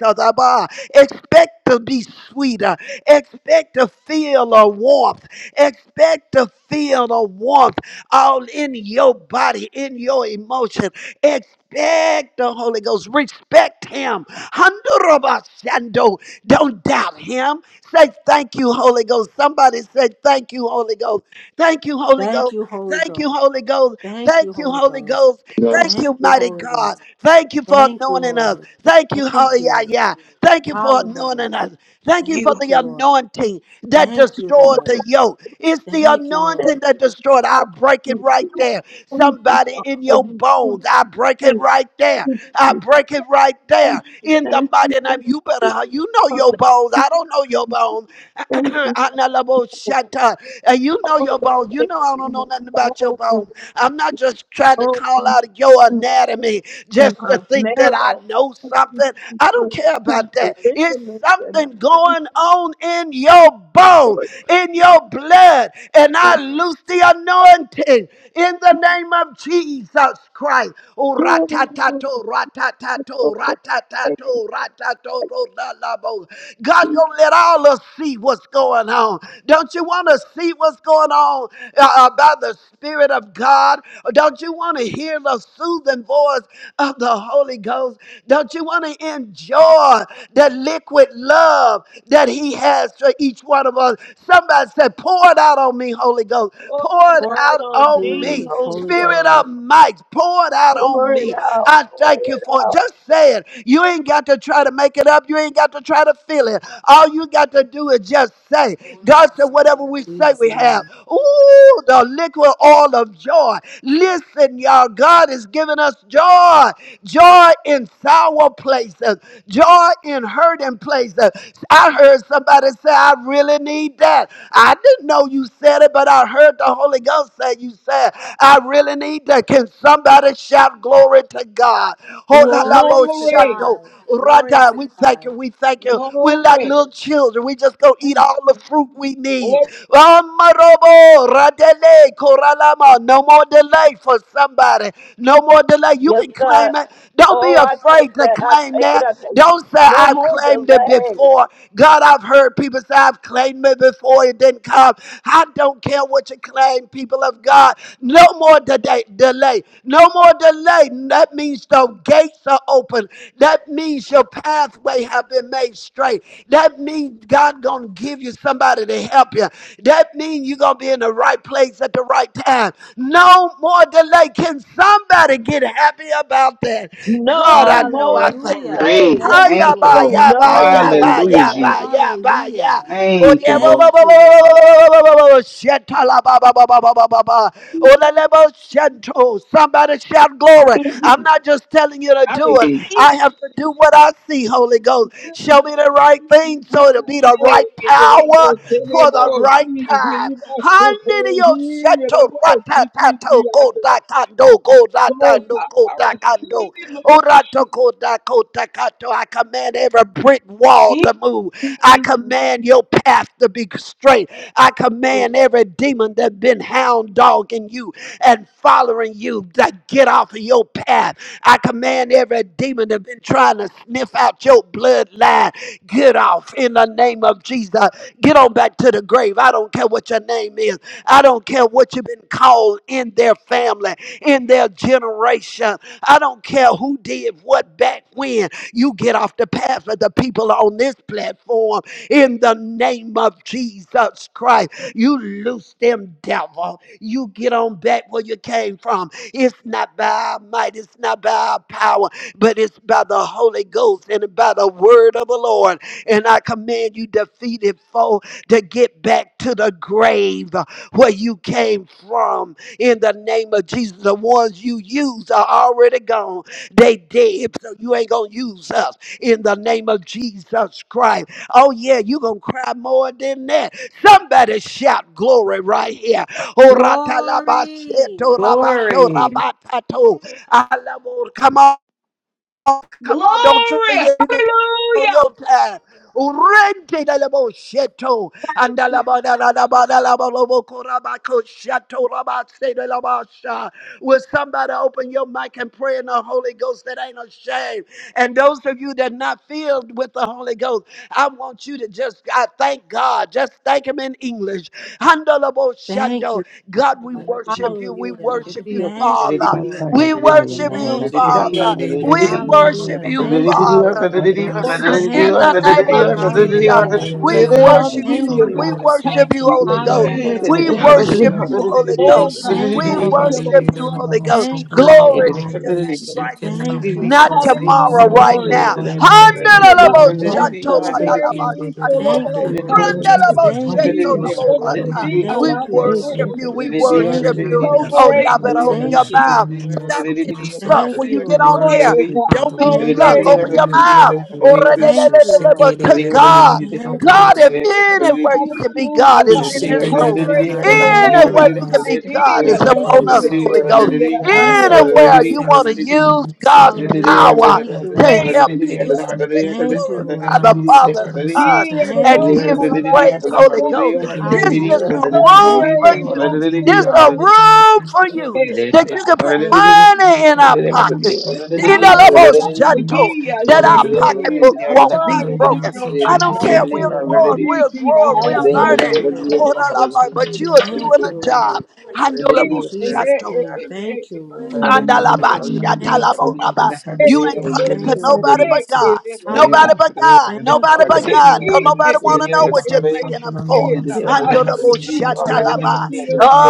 Expect to be sweeter. Expect to feel a warmth. Expect to feel a warmth all in your body, in your emotion. Expect the Holy Ghost. Respect Him. Handurabashando. Don't doubt Him. Say thank you, Holy Ghost. Somebody say thank you, Holy Ghost. Thank you, Holy Thank Ghost. you, Holy Thank Ghost. you, Holy Ghost. Thank Thank you, you, Holy Holy Ghost. Ghost. Thank Glory. Thank you, you, mighty Holy God. Ghost. Thank you for Thank you, anointing us. Lord. Thank you, oh, Thank yeah, you. yeah. Thank you for Hallelujah. anointing us. Thank you for Thank the you, Lord. anointing that Thank you, destroyed the Lord. yoke. It's the Thank you, You anointing Lord. that destroyed. I Oh, break it thank right you, Lord. there. Thank you, Somebody God, in for your you. Thank bones, I break it you. right there. Thank I you. break it right there Thank you. in the Thank you. mighty name. Thank You you. better, you know Father. your bones. We I don't know your bones. (clears throat) Thank you Analabo for shata. And you know all your the bones. You know I don't know faithfulness, nothing about your all the bones. I'm not just trying to all the call things out your anatomy in just to my think that I marrow. know Thank you something. I for don't care to about my that. It's ligaments, and I something thank you, going on in your bone, Lord. in your blood. And I I'm loose the anointing in the name of Jesus Christ. Oh, so ratatato, ratatato, grateful. Thank ratatato, ratatato, lalabo. God you. gonna let all us see what's going on. Don't you want to see what's going on uh, uh, by the Spirit of God? Don't you want to hear the soothing voice of the Holy Ghost? Don't you want to enjoy the liquid love that He has for each one of us? Somebody said, Pour it out on me, Holy Ghost. Pour Pour it it For out out on on me, me. me, Holy Holy Ghost. Spirit Ghost, of might, pour it out on Pour it me. out. I Pour thank you it for it. out. Just say it. You ain't got to try to make it up. You ain't got to try to feel it. All you got to do is just say. God said, whatever we in say, Jesus' we have. name. Ooh, the liquid oil of joy joy. Listen, y'all, God has given us joy. Joy in sour places, joy in hurting places. I heard somebody say, I really need that. I didn't know you said it, but I heard the Holy Ghost say, You said, I really need that. Can somebody shout glory to God? Holalabo Glory to Glory. shando. God. Glory Rada, to we thank God. you, we thank you. We're like Glory. little children. We just go eat all the fruit we need. Oh, No more delay for somebody. No more delay. You Yes, can God. claim it. Don't be Oh, I afraid take to that. I claim take it. that. I take it. Don't say, No I've more claimed it delay. before. God, I've heard people say, I've claimed it before. It didn't come. I don't care what you claim, people of God. No more de- delay. No more delay. That means the gates are open. That means your pathway have been made straight. That means God gonna give you somebody to help you. That means you're gonna be in the right place at the right time. No more delay. Can somebody get happy about that? God, I No know more I thank you. Hallelujah. delay. Thank Hiya you, Thank you, ba Lord. Lord. ya ba No Thank ya you, more ba Hallelujah, Lord. ya delay. ba Jesus. ya ba ya. Hallelujah. Oh, Thank yeah, you, bo- Lord. bo- Thank bo- bo- you, bo- Lord. bo- bo- bo- bo- shetala ba- ba- ba- ba- ba- ba- ba- ba. Oh, la- la- bo- shento. Somebody shout glory. I'm not just telling you to I do Hey, it. (laughs) receive I it. have to do what I see, Holy Ghost. Hey, Show me the right thing so it'll be the hey, right hey, power hey, hey, for the right He, he, time. he, he, he, Handidio you shato don't know. This is ratatato the other. kodakando Hold till kodakando (laughs) I receive kodakando. Orato kodakotakato. I command every brick wall to move. I it, command your path to be straight. I command Lord. every demon that's been hound dogging you and following you to get off of your path I command every demon that's been trying to sniff out your bloodline, get off in the name of Jesus. Get on back to the grave. I don't care what your name is. I don't care what you've been called in their family, in their generation. I don't care who did what back when. You get off the path of the people on this platform in the name of Jesus Christ. You loose them, devil. You get on back where you came from. It's not by our might, it's not by our power, but it's by the Holy Ghost and by the word of the Lord. And I command you, defeated foe, to get back to the grave where you came from in the name of Jesus. The ones you used are already gone. They dead, so you ain't gonna use us in the name of Jesus Christ. Oh yeah, you gonna cry more than that. Somebody shout glory right here Glory. Oratalabasheto Glory. rabatorabato. Alamor. Come on. Oh, come on, don't try Glory. to get you get on Hallelujah. your time. Urente da labo sheto anda laba da da da ba da laba lobo koraba ko shato raba se da laba sha. Will somebody open your mic and pray in the Holy Ghost that ain't ashamed? And those of you that not filled with the Holy Ghost, I want you to just I thank God. Just thank Him in English. Anda labo Thank you. shando. God, we worship you. We Hallelujah. worship you, Thank you, Father. Lord. We Katabasaya worship you, Thank you, Lababashaka Father. Lord. We Tabasaka worship Hallelujah. you, Thank you, Lord. Father. Oh, yes. Father, in Thank Aramasaka the you, Thank you, name Lord. of Lord. Tabasaya Jesus. Hallelujah, We Lord. Lababaseke worship you. Thank Hallelujah, you, Tababiche We God. Lord. worship Thank you, you, Holy Jesus. Ghost. Hallelujah. We Urababaseke Thank you, worship (laughs) you, Lord. Holy Tababiche We Ghost. Oh, God. worship Thank you, We you, Lord. Thank you, worship Lord Mababasaka you, Jesus. Holy Ghost. Thank Tababashaka you, Lord. Glory to your Babaseke name right here. Tababiche Thank you, Not Lord. tomorrow, Hallelujah, right Glory, now. Jesus. Marababasaka Lord. Thank you, Hallelujah. Tababasaka God. I'm Thank you, so Lord. Rababasaka grateful of Thank you, all Lord. time. Yes. Hallelujah, Thank He is hallelujah, so, so deep. hallelujah. I We Thank love you, worship Eke Lord. you. We that. Tababiche worship Thank you, you. So Lord. Oh, y'all grateful, better open Lord Tababasaka your Thank you, Lord. mouth. Jesus. Stop getting stuck. Thank When you, Lord. Thank you, you get on Lord. Oh, here, yeah, God. don't Father. We be So Thank love you, stuck. Open you. Lord. grateful your We to you. adore mouth. you. We bless Thank you. you, Lord. But to God, Thank you, God, if Lord. anywhere you can be Hallelujah, God Ooh, is God. in I'm Shake this it, Thank so you, it, it, and I'm so close. We shake it, it, it, it, it, it, room, Lord. grateful, Lord. Thank and Oh, you, anywhere you I'm Lord. Tata. can so be God is Yeah, Lord. Thank Oh, Sokoro upon you, us, Tata. Lord. Holy soto Yeah, Ghost. toko Lord. I Thank you. really sekiro want Anywhere you want to sekiro use God's sokoro Hallelujah. soto power Thank you, to toko Lord. Thank help you, people sekiro so God. sekiro that they can Thank you, glorify Lord. the Father, you. sokoro soto Son, toko Yeah, Lord. and Thank Hallelujah. Oh, you, give you Lord. Tata. sekiro praise, I really Holy want to Ghost. sekiro This is motion a Hallelujah. So for room Thank for you, sekiro you. grateful Lord. toko to There's you, a sekiro Lord sokoro soto room for Jesus. Lord. you Hey, Lord. that you can put Thank you, Lord. money in our toko sekiro pockets sekiro sokoro I'm a Thank you, soto Lord. Tata. Yeah, that thank our Thank you. you, Yeah, Lord. pocketbooks Lord. won't be I really broken. want to I don't care. Thank you, We're Lord. Hallelujah. thank growing, you. we're Yeah, growing, Lord. we're I Thank learning. you, really Hallelujah. Lord. Hold on, Lord, toko But you are sekiro doing Thank a you, sekiro Lord. job. Glory to you. In Handleable Jesus' shadow. want name, thank you, Lord. Hallelujah. Amen. Thank Handalaba, you. Hallelujah. Thank shatalabo, raba. Thank You ain't you. talking you. Thank to you, Lord. nobody Hallelujah. but Glory God. to your name, Hallelujah. Hallelujah. Nobody but God. Thank you, Nobody but Lord. God. Don't nobody want to know Thank what you're thinking i for. God. Handleable Thank you. shatalaba.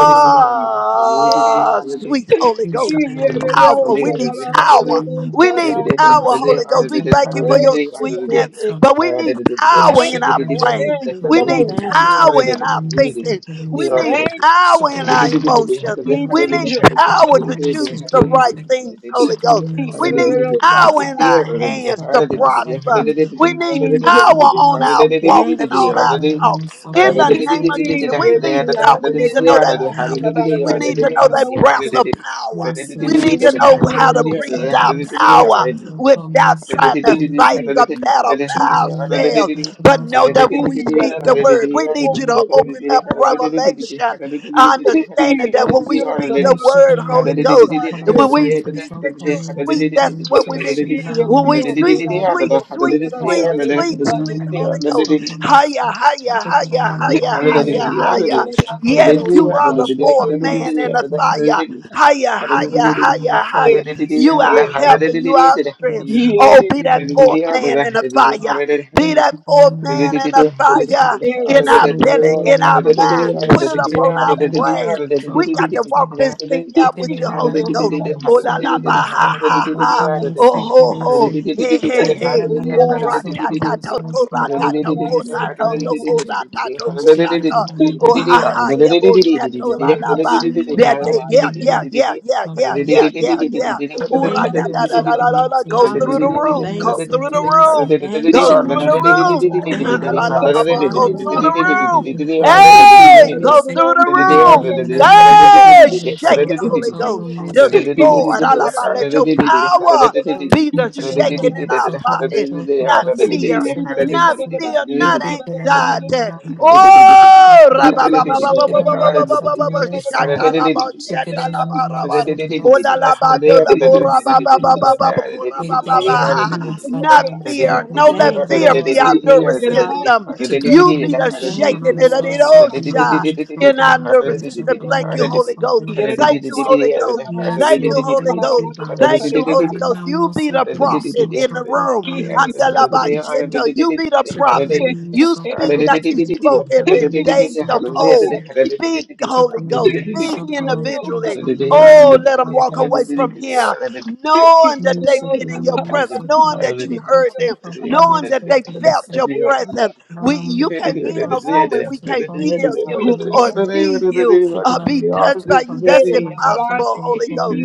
you, Lord. sweet Holy Ghost Lord. Hallelujah. powerful. We need power. We need power, Holy Ghost. We thank you for your Yes, sweetness, but we need power Jesus. in our the brain. dance of We the need Most Thank High. you, power Lord. in our thinking. We need Thank you. power in our emotions. We We need need you, Lord. power to choose the right things, Holy Ghost. We We need power in our hands to prosper. We need need you, power Lord. on our walk Thank and on you, our Lord. talk. In the Thank you, name of He, Lord. Jesus, we ele me need power. abre, We ele need me to know ora, that power. ela dá, We ele need to me know ora, that ela breath of power. Yes, We We need Lord, to check need know it out. how to So, breathe out so, power so, so, for without Hallelujah. us, so, for us, so, for trying us, to so, for us, fight so, the battle Thank by ourselves, but know that when we speak the word, we need you to open up revelation, understanding that when yes. we speak the word, Holy Ghost, when we speak that you're sweet, that's Dios, que what te we sirves, mean. te sirves, que te sirves, que When te we sweet, sirves. sweet, sweet, sweet, sweet, sweet Holy Ghost, higher, higher, higher, Santo de higher, Dios, Santo de higher, higher. Dios, Santo de Yes, Dios. you are the fourth man in the fire. you. Higher, Yes, higher, Lord, higher, higher. You are help and you are strength. Oh, be Hallelujah. that fourth man in the fire. Be that fourth man in the fire in our belly, in glory, our mind. hallelujah. Put it She up did it on in the our you. name of brain. so We got come to so. walk this thing She out did with Thank it in your the Holy Ghost. name of Oh la so la ba come ha so. So ha so ha. come we Oh seek it ho in seek. ho. Hey She hey did it hey. in the name Oh of ra so ta ta come ta so. ko So ra so ta ta come we ko ra seek it ta in ta ko seek. ra ta ta ko She ra did it in ta. the name of Oh ha so. ha. Yeah, bo, sa, to, la So la in ba. straight That they, yeah, yeah, taking yeah, yeah, yeah, Sakana yeah, yeah, yeah. Sakana Ura Thank you, da da Sakana da Lord. da da da da. Go through the Sakana Hallelujah. Hallelujah. room. Thank Go you, through Lord. the Sakiri so room. Thank Go you, through Shikana Lord. the Dada room. Hindu (coughs) (clears throat) La, Thank Bhavana you, la, la, Namo Lord. la. la. Go Sakiri through the so Hallelujah. Thank room. you, Nikki Lord. Kome Hey, Sakiri go se through the room. Sakiri Nanam Hey, Sakiri shake so good as So it, Holy Toto Ghost. Thank Kome you. Sakiri Destroy. it. La, la, la. se Hallelujah. Let your power be the shaking you. in Nichagana our Sotoro body, not Soto Thank Sumi fear, not Sekirisi, fear, not anxiety. Epikiranamana, Holiday, Oh, Shakinam rabababababababababababa, Soto, Yes, Lord. shatalaba, Chicken shatalaba, rabar. Olalabadolaborababababababababa. Not fear. Dale No let Thank you, fear be our Lord. nervous system. Hallelujah. You be the Thank shaking you, in an Lord. osha in our nervous system. paloma. Thank you, Holy Ghost. Thank you, Holy Ghost. Yes, Thank you, Lord. Holy Thank Ghost. you, Father. Thank you, Holy Thank Ghost. You be the prophet in the room. Andalabasheta. You be the prophet. You speak Hallelujah. like you Hallelujah. spoke in the days of old. you. Speak, Holy Thank Ghost. Speak you, individually. Oh, let them walk away from here, knowing that they've been in your presence, knowing that you heard them, knowing that they felt your presence. We, you can't be in a room and we can't feel you or see you or be touched by you. That's impossible, Holy Ghost.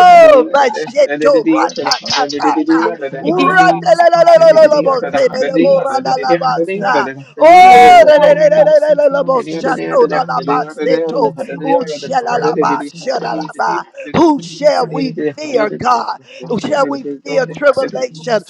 you. but shit, Shipping Uratelelelelelelebotebeleboradalabasa. Oh, Hallelujah. releleleleleleboshatoralabaseto. Ushalalabashalalaba. Who shall Hallelujah. we fear, God? Who We Shall say that we fear tribulation?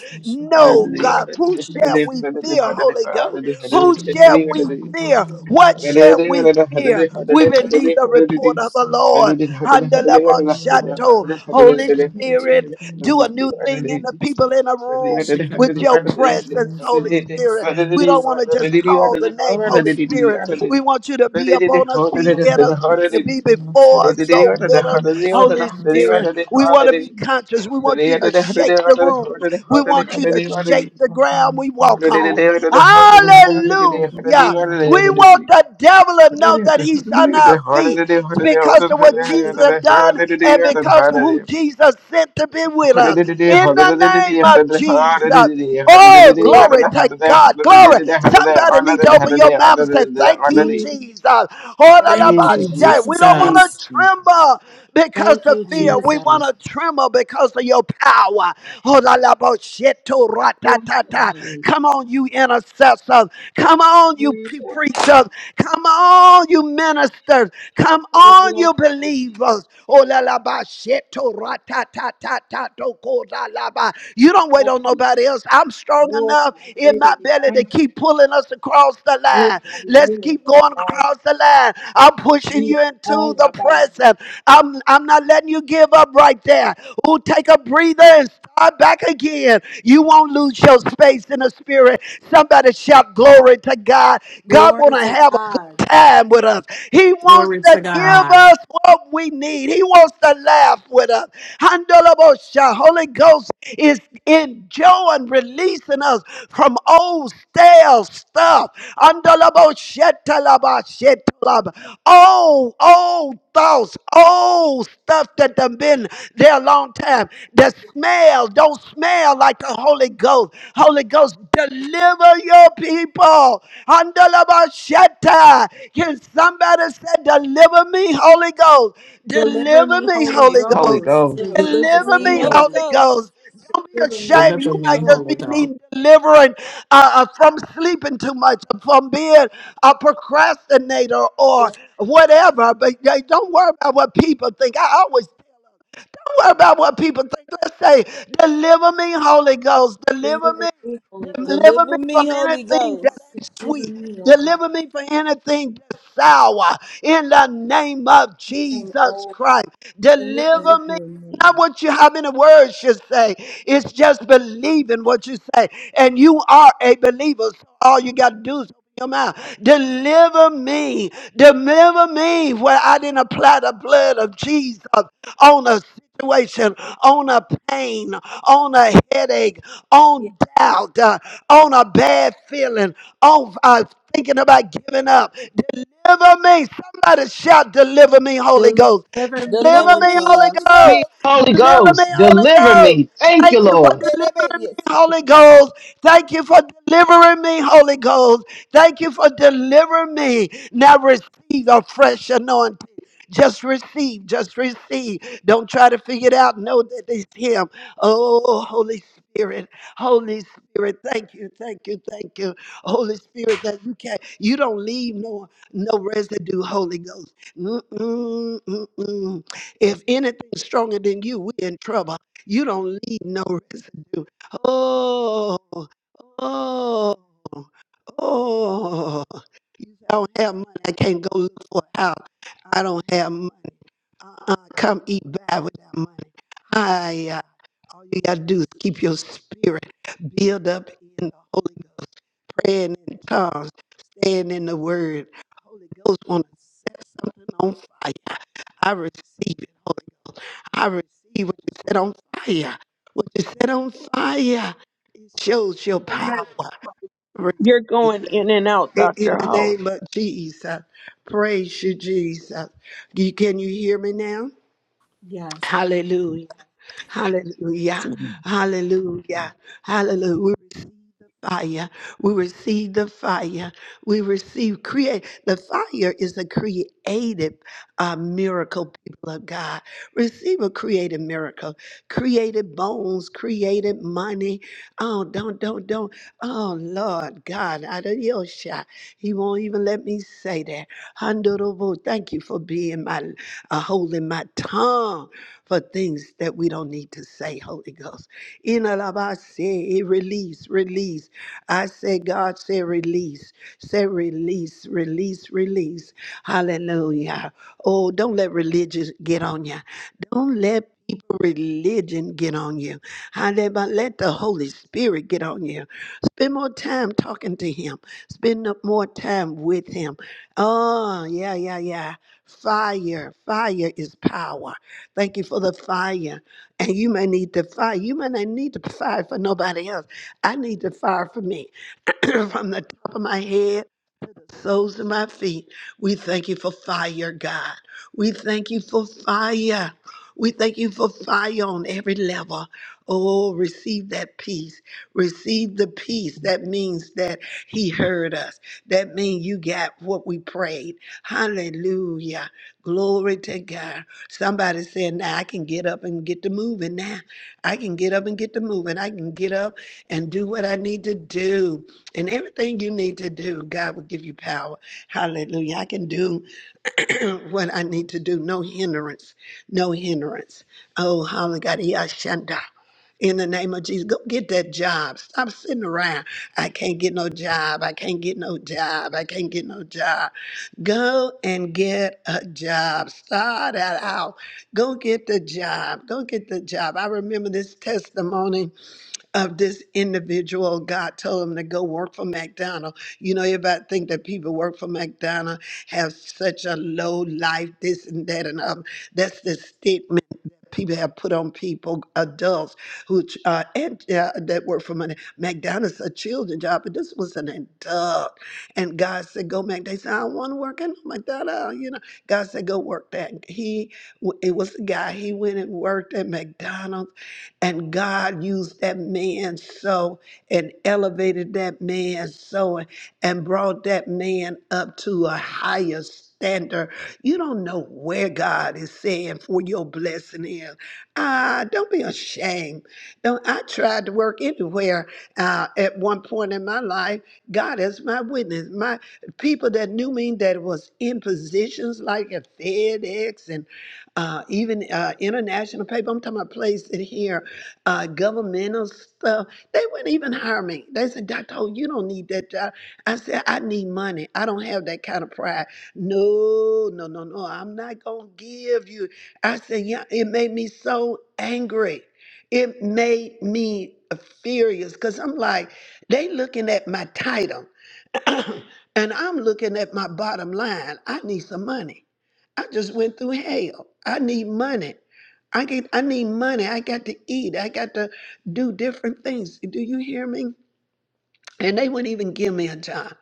there's so No, God. Who shall we fear, many Holy Ghost? Who shall we good fear? What shall we fear? We believe the report of the Lord. Handelebo Shanto. Holy Spirit. Do a new thing in the people in the room she can with not your include presence, the Holy service Spirit. Father. in We the don't service want to and just call the name Holy Spirit. We want you to be upon us, the be in us, be, numbers You of be the before myself, us, she go can with us, number Holy Spirit. certain We want to be conscious. We want you to shake the room. We want you to shake the ground we walk on. Hallelujah. seven We numbers. want the devil to know that he's on our feet because of what Jesus had done and because of who Jesus sent to be with Thank us. you, Jesus. In the name of Jesus. Oh, glory to God. Glory. Somebody need to open your mouth and say, Thank you, Jesus. Oh, la, la, Thank ba, you, shay. We don't Thank you, Jesus. Thank want you, Jesus. to tremble because Thank of you, fear. We want Jesus. to Jesus. tremble because of your power. Thank Oh, la, you, la, ba, Jesus. shit, to, Hallelujah. Come on, you intercessors. Come on, you pre- Lord preachers. Jesus. Come on, you ministers. Come Oh, on, yes, you Jesus. believers. Oh, la la ba, sheto, ra, ta, ta, ta, ta, do, ko, la, la, ba. You don't wait Oh, on Jesus. Oh, nobody else. I'm yes, Jesus. strong Oh, enough in my Jesus. belly Oh, to my keep pulling us across the Would line. I be Let's able to keep going find the fire across the line. I'm pushing you into the by you? are present. I'm, I'm not letting you give up right there. Ooh, take a breather and start back back again. You won't lose your space in the spirit. Somebody shout glory to God. God want Glory to to have a good God. time with us. He wants Glory to to give God. us what we need. He wants to laugh with us. Handalabosha. Holy Ghost is enjoying releasing us from old stale stuff. Handalaboshetalabashetalab. Oh, old thoughts, old stuff that done been there a long time. The smell don't smell like the Holy Ghost. Holy Ghost, deliver your people. Handalabashata. Can somebody say, deliver me, Holy Ghost? Deliver Deliver me, me, Holy Holy Holy Ghost. Ghost, Ghost. in Deliver Deliver Jesus' Deliver me, me, Holy name. Holy Ghost. Ghost. Don't be me, deliver me, ashamed. You Deliver might me, just Holy be Holy Ghost. needing delivering uh, uh, from sleeping too much, from being a procrastinator or Ghost. whatever. But uh, don't worry about what people think. I always don't worry about what people think. Let's say, deliver me, Holy Ghost. Deliver me. Deliver me, Holy Ghost. Deliver me Deliver me, from Holy anything that Ghost. Yes, ain't Deliver sweet. me, Holy Ghost. Deliver me, O God. Deliver me from anything that's sour. In the name of Sing, Jesus oh, Christ. hallelujah. Deliver me. Deliver Not me. what you how many words you say. It's just believing what you say. And you are a believer. So all you got to do is him out. Deliver me. Deliver me where I didn't apply the blood of Jesus on a situation, on a pain, on a headache, on doubt, uh, on a bad feeling, on uh, thinking about giving up. Deliver me. Somebody shout, Deliver me, Holy Ghost. Deliver me, Deliver Deliver Holy me, me, Holy Ghost. Holy Me, Ghost. Ghost. Holy Deliver me, Ghost, Holy deliver Ghost. me. Thank Thank you, you for Lord. Yeah, that bit- delivering me, Yes, of course. Holy Ghost. Thank you for delivering me, Holy Ghost. Thank you for delivering me. Now receive a fresh anointing. Just receive, just receive. Don't try to figure it out. Know that it's Him. Oh, Holy Spirit, Holy Spirit, thank you, thank you, thank you, Holy Spirit. That you can, not you don't leave no no residue, Holy Ghost. Mm-mm, mm-mm. If anything's stronger than you, we in trouble. You don't leave no residue. Oh, oh. Oh, you say, I don't have money. I can't go look for a house. I don't have money. Uh-uh, come eat bad with that money. I uh, all you gotta do is keep your spirit build up in the Holy Ghost, praying in tongues, staying in the Word. Holy Ghost want to set something on fire. I receive it, Holy Ghost. I receive what you set on fire. What you set on fire, it shows your power receive You're going it. in and out, In in Dr. the House. name of Jesus, praise you, Jesus. You- Can you hear me now? Yes. Hallelujah. Hallelujah. Hallelujah. Hallelujah. We receive the fire. We receive the fire. We receive create. The fire is a creative uh, miracle, people of God. Receive a creative miracle. Created bones, created money. Oh, don't, don't, don't. Oh, Lord God, out of your shot. He won't even let me say that. Handorobo, Thank you for being my, uh, holding my tongue for things that we don't need to say, Holy Ghost. In a Alaba say release, release. I say, God say release, say release, release, release. Hallelujah. Oh, don't let religion get on you. Don't let people religion get on you. Hallelujah. Let the Holy Spirit get on you. Spend more time talking to him. Spend up more time with him. Oh, yeah, yeah, yeah. Fire. Fire is power. Thank you for the fire. And you may need the fire. You may not need the fire for nobody else. I need the fire for me (clears throat) from the top of my head soles of my feet. We thank you for fire, God. We thank you for fire. We thank you for fire on every level. Oh, receive that peace. Receive the peace. That means that He heard us. That means you got what we prayed. Hallelujah. Glory to God. Somebody said, Now I can get up and get to moving now. I can get up and get to moving. I can get up and do what I need to do. And everything you need to do, God will give you power. Hallelujah. I can do (clears throat) what I need to do. No hindrance. No hindrance. Oh, hallelujah. Shanda. In the name of Jesus, go get that job. Stop sitting around. I can't get no job. I can't get no job. I can't get no job. Go and get a job. Start that out. Go get the job. Go get the job. I remember this testimony of this individual. God told him to go work for McDonald's. You know, everybody think that people work for McDonald's have such a low life, this and that and other. That's the stigma people have put on people, adults who uh, and uh, that work for money. McDonald's a children job, but this was an adult. And God said, "Go make." They said, "I don't want to work in no McDonald's." You know, God said, "Go work that." He, it was the guy. He went and worked at McDonald's, and God used that man so and elevated that man so and brought that man up to a higher standard you don't know where God is saying for your blessing is. Ah, don't be ashamed. Don't, I tried to work anywhere uh, at one point in my life. God is my witness. My people that knew me that was in positions like at FedEx and uh, even uh, international paper. I'm talking about places in here, uh, governmental stuff. They wouldn't even hire me. They said, Dr. Ho, you don't need that job. I said, I need money. I don't have that kind of pride. No, no, no, no. I'm not going to give you. I said, yeah, it made me so angry. It made me furious because I'm like, they looking at my title (clears throat) and I'm looking at my bottom line. I need some money. I just went through hell. I need money. I get I need money. I got to eat. I got to do different things. Do you hear me? And they wouldn't even give me a job.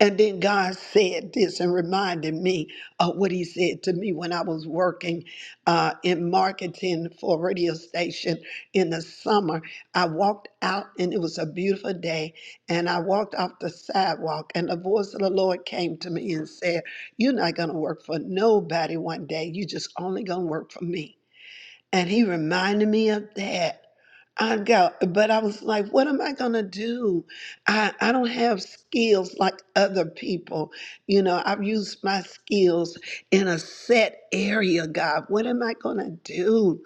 And then God said this and reminded me of what He said to me when I was working uh, in marketing for a radio station in the summer. I walked out and it was a beautiful day. And I walked off the sidewalk, and the voice of the Lord came to me and said, You're not going to work for nobody one day. You're just only going to work for me. And he reminded me of that. I got, but I was like, what am I gonna do? I, I don't have skills like other people. You know, I've used my skills in a set area, God. What am I gonna do?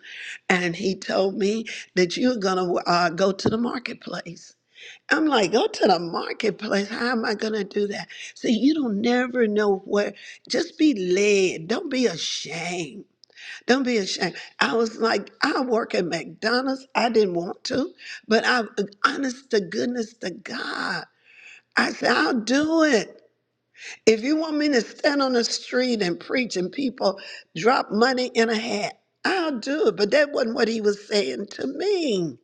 And he told me that you're gonna uh, go to the marketplace. I'm like, go to the marketplace. How am I gonna do that? See, you don't never know where. Just be led. Don't be ashamed don't be ashamed. I was like, I work at McDonald's. I didn't want to, but I, honest to goodness to God, I said, I'll do it. If you want me to stand on the street and preach and people drop money in a hat, I'll do it. But that wasn't what he was saying to me.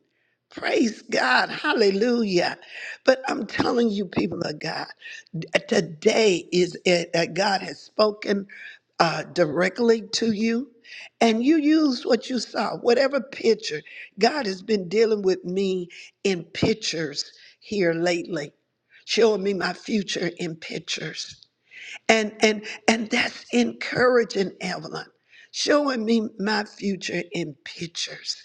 Praise God. Hallelujah. But I'm telling you, people of God, today is it uh, God has spoken uh, directly to you, and you used what you saw, whatever picture. God has been dealing with me in pictures here lately, showing me my future in pictures and and and that's encouraging evelyn showing me my future in pictures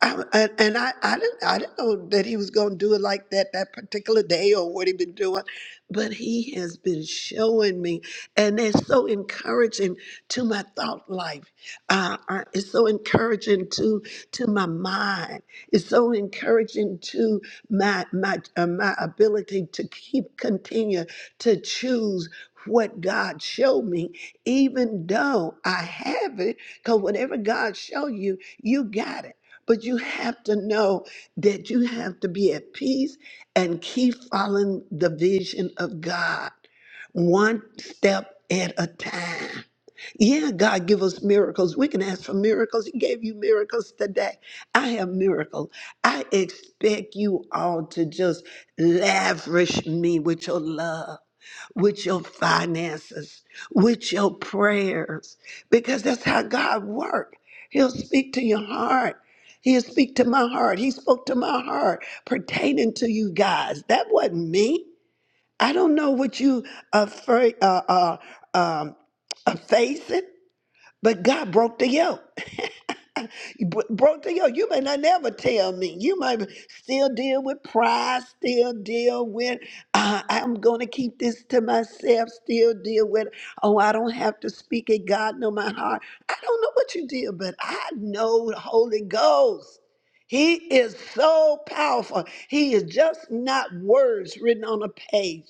I, and and I, I didn't I didn't know that he was going to do it like that that particular day or what he been doing, but he has been showing me, and it's so encouraging to my thought life. Uh, uh, it's so encouraging to to my mind. It's so encouraging to my my uh, my ability to keep continue to choose what God showed me, even though I have it. Because whatever God show you, you got it. But you have to know that you have to be at peace and keep following the vision of God one step at a time. Yeah, God give us miracles. We can ask for miracles. He gave you miracles today. I have miracles. I expect you all to just lavish me with your love with your finances, with your prayers, because that's how God works. He'll speak to your heart. He'll speak to my heart. He spoke to my heart pertaining to you guys. That wasn't me. I don't know what you are, fra- uh, uh, um, are facing, but God broke the yoke. (laughs) Bro, bro, yo, you may not never tell me. You might still deal with pride, still deal with, uh, I'm going to keep this to myself, still deal with, oh, I don't have to speak it. God know my heart. I don't know what you did, but I know the Holy Ghost. He is so powerful. He is just not words written on a page.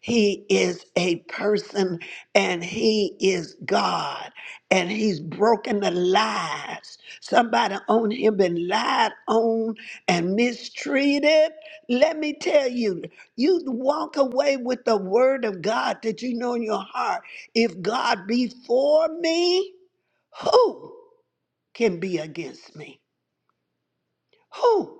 He is a person and he is God and he's broken the lies. Somebody on Him been lied on and mistreated. Let me tell you, you walk away with the word of God that you know in your heart. If God be for me, who can be against me? Who?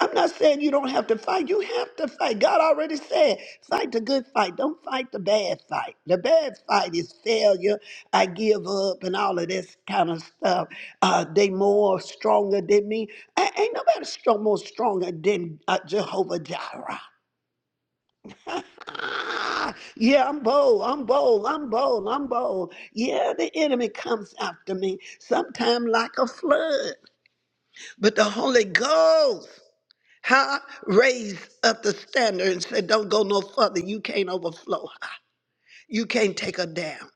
I'm not saying you don't have to fight. You have to fight. God already said, fight the good fight. Don't fight the bad fight. The bad fight is failure. I give up and all of this kind of stuff. Uh, they more stronger than me. A- ain't nobody strong more stronger than uh, Jehovah Jireh. (laughs) yeah, I'm bold. I'm bold. I'm bold. I'm bold. Yeah, the enemy comes after me, sometime like a flood. But the Holy Ghost huh? Raised up the standard and said, don't go no further. You can't overflow. You can't take her down.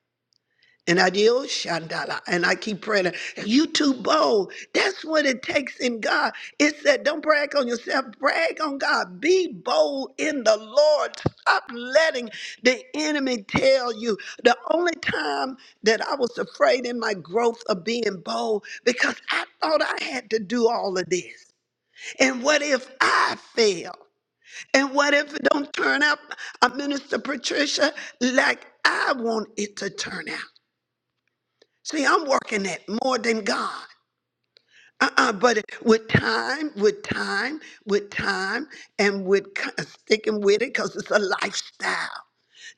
And I deal Shandala. And I keep praying. You too bold. That's what it takes in God. It said, don't brag on yourself. Brag on God. Be bold in the Lord. Stop letting the enemy tell you. The only time that I was afraid in my growth of being bold because I thought I had to do all of this. And what if I fail? And what if it don't turn out, uh, Minister Patricia, like I want it to turn out? See, I'm working at more than God. Uh-uh, but with time, with time, with time, and with c- uh, sticking with it, because it's a lifestyle.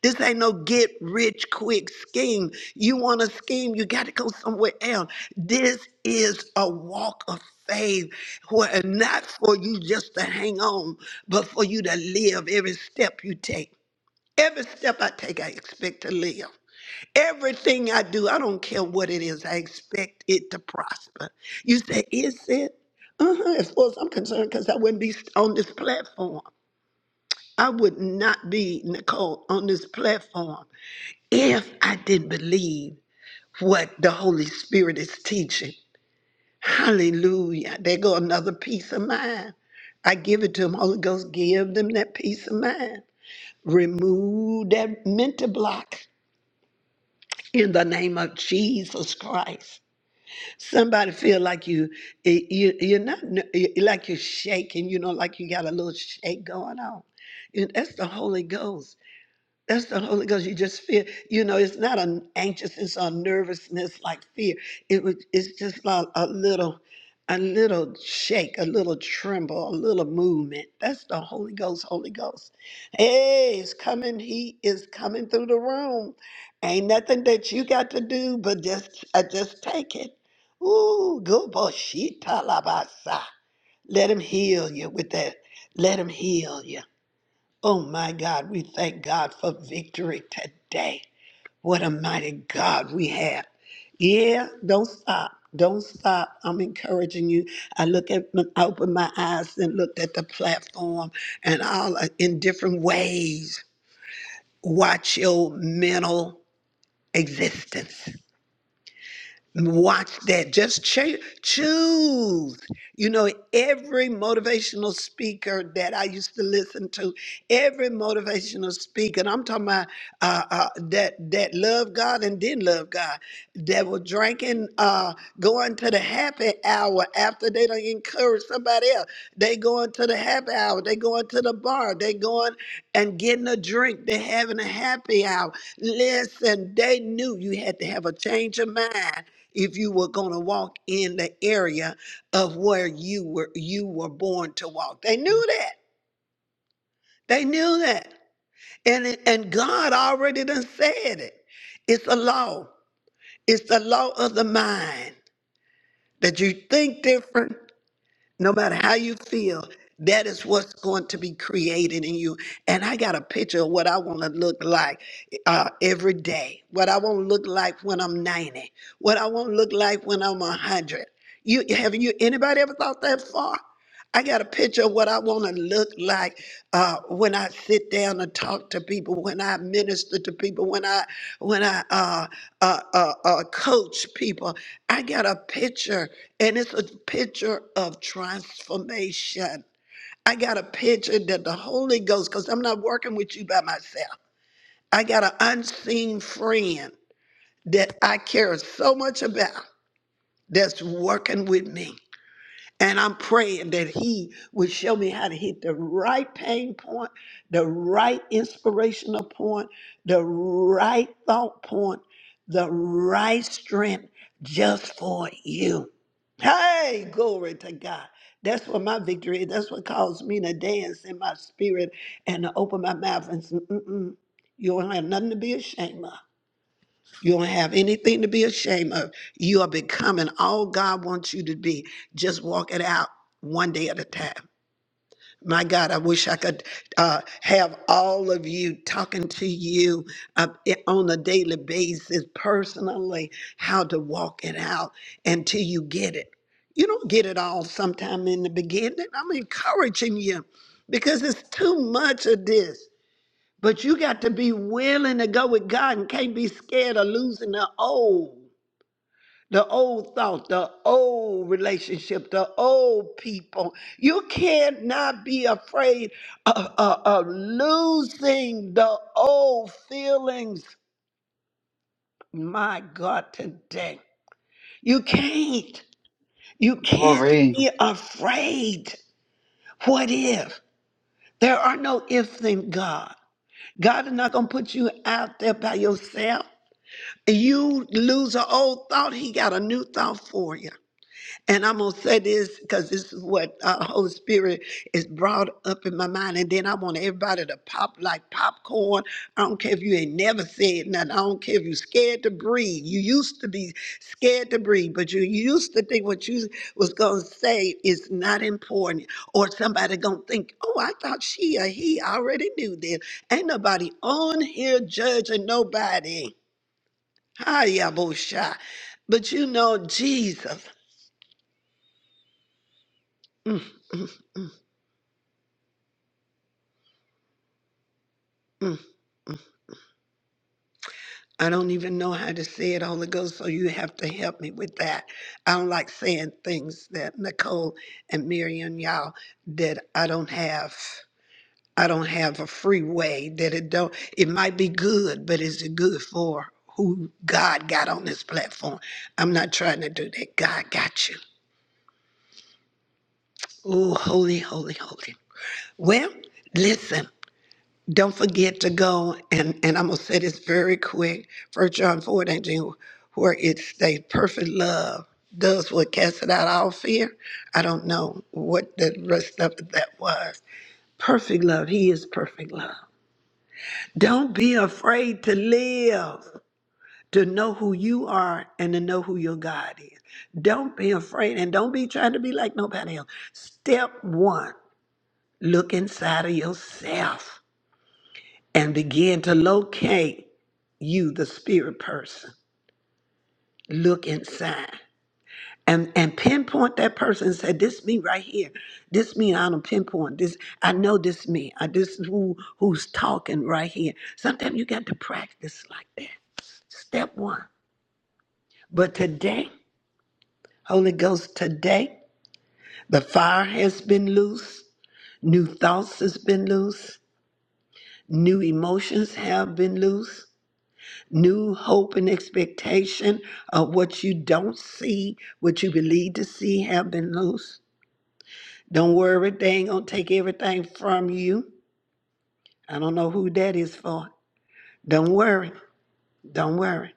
This ain't no get rich quick scheme. You want a scheme, you got to go somewhere else. This is a walk of faith, where not for you just to hang on, but for you to live every step you take. Every step I take, I expect to live. Everything I do, I don't care what it is, I expect it to prosper. You say, is it? Uh-huh. As far as I'm concerned, because I wouldn't be on this platform. I would not be, Nicole, on this platform if I didn't believe what the Holy Spirit is teaching. Hallelujah. There go another peace of mind. I give it to them. Holy Ghost, give them that peace of mind. Remove that mental block in the name of Jesus Christ. Somebody feel like you, you you're not like you're shaking, you know, like you got a little shake going on. And that's the Holy Ghost. That's the Holy Ghost. You just feel, you know, it's not an anxiousness or nervousness like fear. It was, it's just like a little, a little shake, a little tremble, a little movement. That's the Holy Ghost. Holy Ghost. Hey, it's coming. He is coming through the room. Ain't nothing that you got to do, but just, uh, just take it. Ooh, go boshita labasa. Let him heal you with that. Let him heal you. Oh my God, we thank God for victory today. What a mighty God we have. Yeah, don't stop. Don't stop. I'm encouraging you. I look at, I opened my eyes and looked at the platform and all uh, in different ways. Watch your mental existence. Watch that. Just cha- choose. You know, every motivational speaker that I used to listen to, every motivational speaker, and I'm talking about uh, uh, that that love God and didn't love God, that were drinking, uh, going to the happy hour after they don't encourage somebody else. They going to the happy hour. They going to the bar. They going and getting a drink. They having a happy hour. Listen, they knew you had to have a change of mind if you were going to walk in the area of where you were you were born to walk. They knew that. They knew that. And it- and God already done said it. It's a law. It's the law of the mind that you think different no matter how you feel, that is what's going to be created in you. And I got a picture of what I want to look like uh, every day, what I want to look like when I'm 90, what I want to look like when I'm 100. You have you anybody ever thought that far? I got a picture of what I want to look like uh, when I sit down and talk to people, when I minister to people, when I when I uh, uh, uh, uh, coach people. I got a picture and it's a picture of transformation. I got a picture that the Holy Ghost, because I'm not working with you by myself, I got an unseen friend that I care so much about that's working with me. And I'm praying that He would show me how to hit the right pain point, the right inspirational point, the right thought point, the right strength just for you. Hey, glory to God. That's what my victory is. That's what caused me to dance in my spirit and to open my mouth and say, Mm-mm, you don't have nothing to be ashamed of. You don't have anything to be ashamed of. You are becoming all God wants you to be. Just walk it out one day at a time. My God, I wish I could uh, have all of you talking to you uh, on a daily basis, personally, how to walk it out until you get it. You don't get it all sometime in the beginning. I'm encouraging you because it's too much of this. But you got to be willing to go with God and can't be scared of losing the old, the old thought, the old relationship, the old people. You cannot be afraid of, of, of losing the old feelings. My God, today. You can't. You can't Glory. be afraid. What if? There are no ifs in God. God is not going to put you out there by yourself. You lose an old thought, he got a new thought for you. And I'm going to say this because this is what uh, Holy Spirit is brought up in my mind. And then I want everybody to pop like popcorn. I don't care if you ain't never said nothing. I don't care if you scared to breathe. You used to be scared to breathe, but you used to think what you was going to say is not important. Or somebody going to think, oh, I thought she or he already knew this. Ain't nobody on here judging nobody. Hayabusha. But you know, Jesus. Mm, mm, mm, mm. I don't even know how to say it, Holy Ghost, so you have to help me with that. I don't like saying things that Nicole and Miriam, y'all, that I don't have. I don't have a free way that it don't it might be good, but is it good for who God got on this platform? I'm not trying to do that. God got you. Oh, holy, holy, holy. Well, listen. Don't forget to go and and I'm gonna say this very quick. First John 4 and 18, where it states perfect love does what casts out all fear. I don't know what the rest of that was. Perfect love, he is perfect love. Don't be afraid to live, to know who you are and to know who your God is. Don't be afraid and don't be trying to be like nobody else. Step one, look inside of yourself. and begin to locate you, the spirit person. Look inside and, and pinpoint that person and say, This me right here. This me I don't pinpoint. This I know this me. I this is who who's talking right here. Sometimes you got to practice like that. Step one. But today, Holy Ghost, today, the fire has been loose, new thoughts has been loose, new emotions have been loose. new hope and expectation of what you don't see, what you believe to see have been loose. Don't worry, they ain't gonna take everything from you. I don't know who that is for. Don't worry. Don't worry.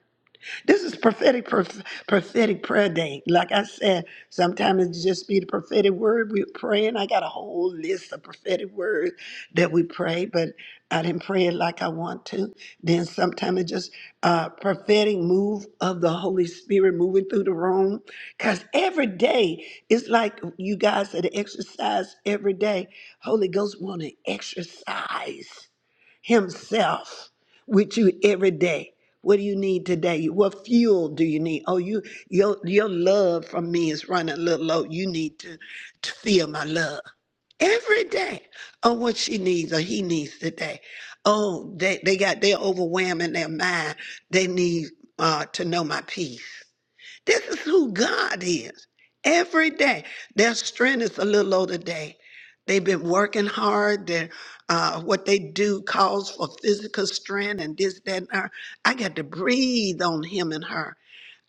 This is prophetic, prof- prophetic prayer day. Like I said, sometimes it just be the prophetic word we're praying. I got a whole list of prophetic words that we pray, but I didn't pray it like I want to. Then sometimes it just uh, prophetic move of the Holy Spirit moving through the room. Cause every day it's like you guys that exercise every day. Holy Ghost want to exercise himself with you every day. What do you need today? What fuel do you need? Oh, you your your love from me is running a little low. You need to, to feel my love every day. Oh, what she needs or he needs today. Oh, they, they got they're overwhelming their mind. They need uh, to know my peace. This is who God is. Every day, their strength is a little low today. They've been working hard. Their uh, what they do calls for physical strength and this, that, and her. I got to breathe on him and her.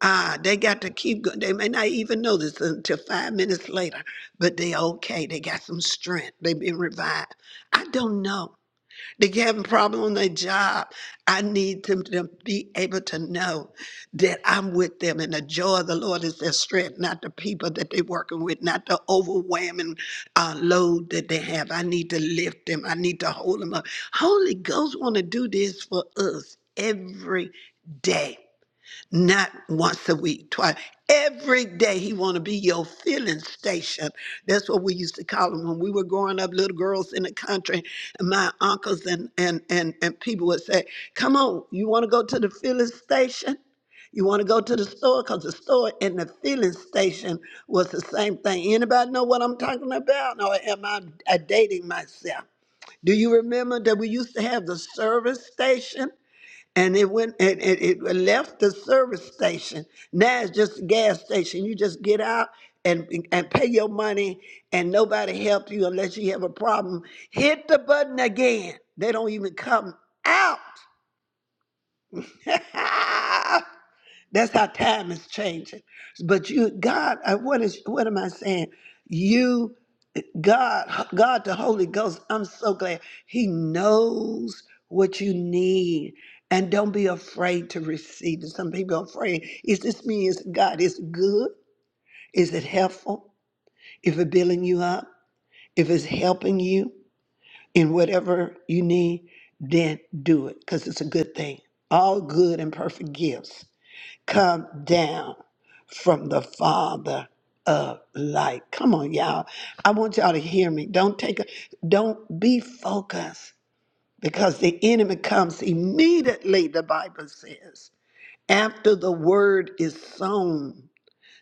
Ah, they got to keep going. They may not even know this until five minutes later, but they okay. They got some strength. They've been revived. I don't know. They have a problem on their job. I need them to be able to know that I'm with them and the joy of the Lord is their strength, not the people that they're working with, not the overwhelming uh, load that they have. I need to lift them. I need to hold them up. Holy Ghost want to do this for us every day not once a week, twice. Every day he want to be your filling station. That's what we used to call him when we were growing up, little girls in the country. And my uncles and and and and people would say, "Come on, you want to go to the filling station? You want to go to the store? Cause the store and the filling station was the same thing. Anybody know what I'm talking about, or am I uh, dating myself? Do you remember that we used to have the service station? and it went it, it, it left the service station now it's just a gas station you just get out and and pay your money and nobody help you unless you have a problem hit the button again they don't even come out (laughs) That's how time is changing. But you, God, I, what is what am I saying? You, God, God, the Holy Ghost. I'm so glad He knows what you need, and don't be afraid to receive it. Some people are afraid. Is this me? Is God? Is it good? Is it helpful? If it's building you up, if it's helping you in whatever you need, then do it because it's a good thing. All good and perfect gifts come down from the Father of light. Come on, y'all. I want y'all to hear me. Don't take a, don't be focused because the enemy comes immediately, the Bible says, after the word is sown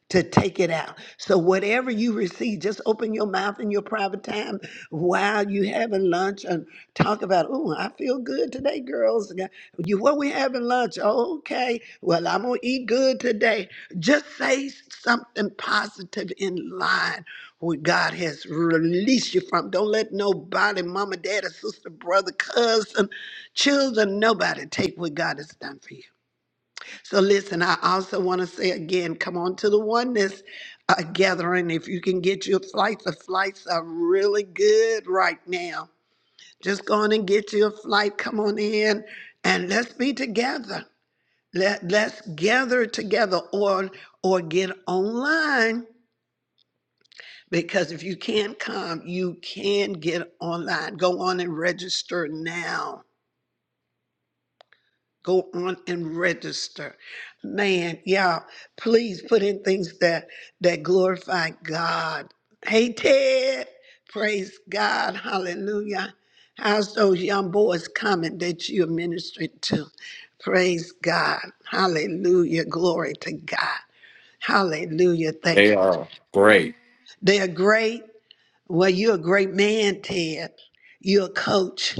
to take it out. So whatever you receive, just open your mouth in your private time while you having lunch and talk about, oh, I feel good today, girls. Yeah, You what we having lunch? "Oh, okay. Well, I'm gonna eat good today. Just say something positive in line what God has released you from. Don't let nobody, mama, daddy, sister, brother, cousin, children, nobody take what God has done for you. So listen, I also want to say again, come on to the oneness uh, gathering. If you can get your flights, the flights are really good right now. Just go on and get your flight. Come on in, and let's be together. Let let's gather together, or or get online. Because if you can't come, you can get online. Go on and register now go on and register. Man, y'all, please put in things that that glorify God. Hey Ted, praise God, hallelujah. How's those young boys coming that you're ministering to? Praise God. Hallelujah. Glory to God. Hallelujah. Thank They you. are great. They're great. Well, you're a great man, Ted. You're a coach.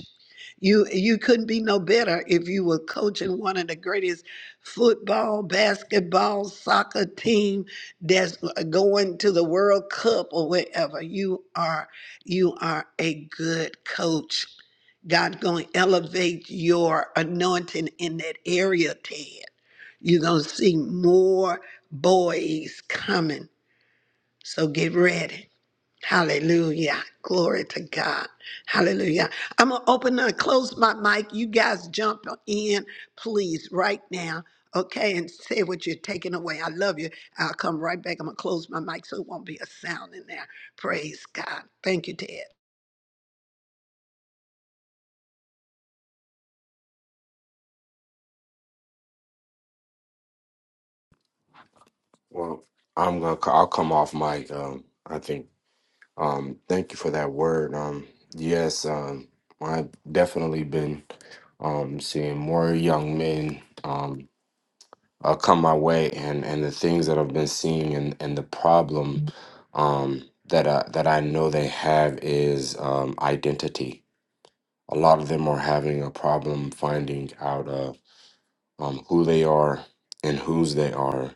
You you couldn't be no better if you were coaching one of the greatest football, basketball, soccer team that's uh, going to the World Cup or wherever. You are you are a good coach. God's going to elevate your anointing in that area, Ted. You're going to see more boys coming. So get ready. Hallelujah. Glory to God. Hallelujah. I'm going to open and close my mic. You guys jump in, please, right now. Okay, and say what you're taking away. I love you. I'll come right back. I'm going to close my mic so it won't be a sound in there. Praise God. Thank you, Ted. Well, I'm gonna. I'll come off mic. Um, I think. Um, thank you for that word. Um, yes. Um, I've definitely been um seeing more young men um uh, come my way, and and the things that I've been seeing, and and the problem um that I that I know they have is um identity. A lot of them are having a problem finding out uh, um who they are and whose they are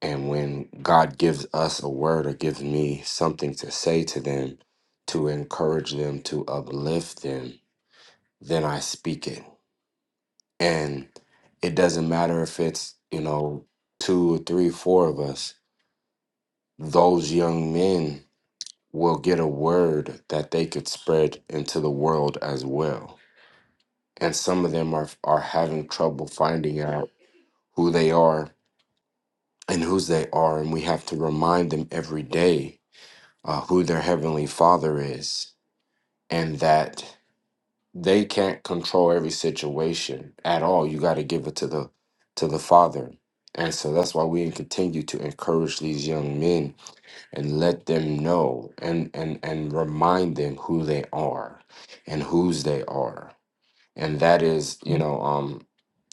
And when God gives us a word or gives me something to say to them, to encourage them, to uplift them, then I speak it. And it doesn't matter if it's, you know, two or three, four of us, those young men will get a word that they could spread into the world as well. And some of them are, are having trouble finding out who they are and whose they are. And we have to remind them every day uh, who their heavenly father is and that they can't control every situation at all you got to give it to the to the father and so that's why we continue to encourage these young men and let them know and and and remind them who they are and whose they are and that is you know um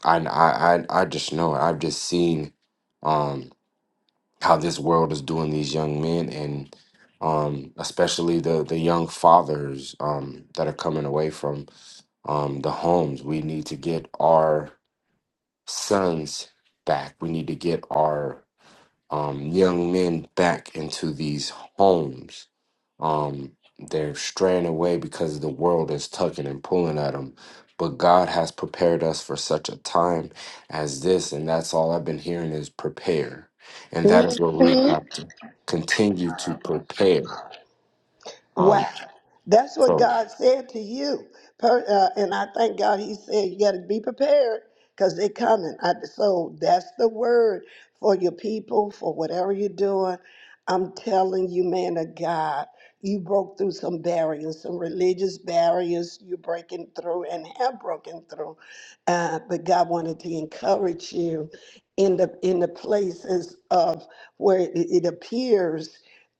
i i i I just know it. i've just seen um how this world is doing these young men and um, especially the the young fathers um, that are coming away from um, the homes. We need to get our sons back. We need to get our um, young men back into these homes. Um, they're straying away because the world is tugging and pulling at them. But God has prepared us for such a time as this, and that's all I've been hearing is prepare, and that is what we have to continue to prepare. Um, Wow. That's what so God said to you. Per, uh, and I thank God he said, you got to be prepared because they're coming. I, so that's the word for your people, for whatever you're doing. I'm telling you, man of God, you broke through some barriers, some religious barriers you're breaking through and have broken through. Uh, but God wanted to encourage you in the in the places of where it, it appears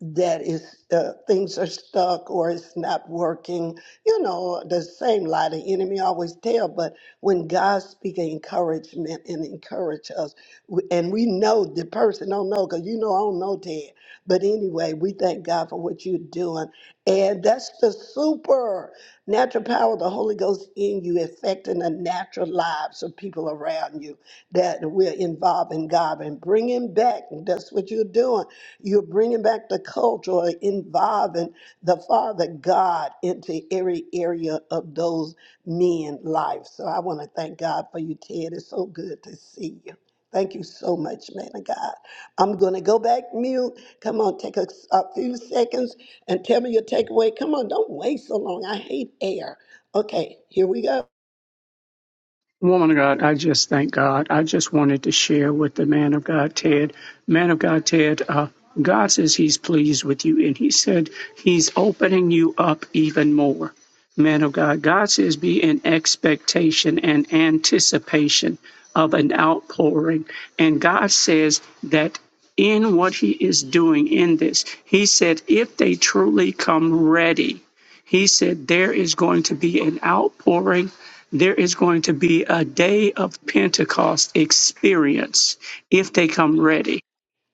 that is uh, things are stuck or it's not working. You know, the same lie the enemy always tell. But when God speaks encouragement and encourage us, w- and we know the person don't know because you know I don't know Ted. But anyway, we thank God for what you're doing, and that's the super natural power of the Holy Ghost in you, affecting the natural lives of people around you that we're involved in God and bringing back. That's what you're doing you're bringing back the culture, or involving the Father God into every area of those men's lives. So I want to thank God for you, Ted. It's so good to see you. Thank you so much, man of God. I'm going to go back mute. Come on, take a, a few seconds and tell me your takeaway. Come on, don't wait so long. I hate air. Okay, here we go. Woman of God, I just thank God. I just wanted to share with the man of God, Ted. Man of God, Ted, uh, God says he's pleased with you, and he said he's opening you up even more. Man of God, God says be in expectation and anticipation of an outpouring. And God says that in what he is doing in this, he said, if they truly come ready, he said there is going to be an outpouring there is going to be a day of Pentecost experience if they come ready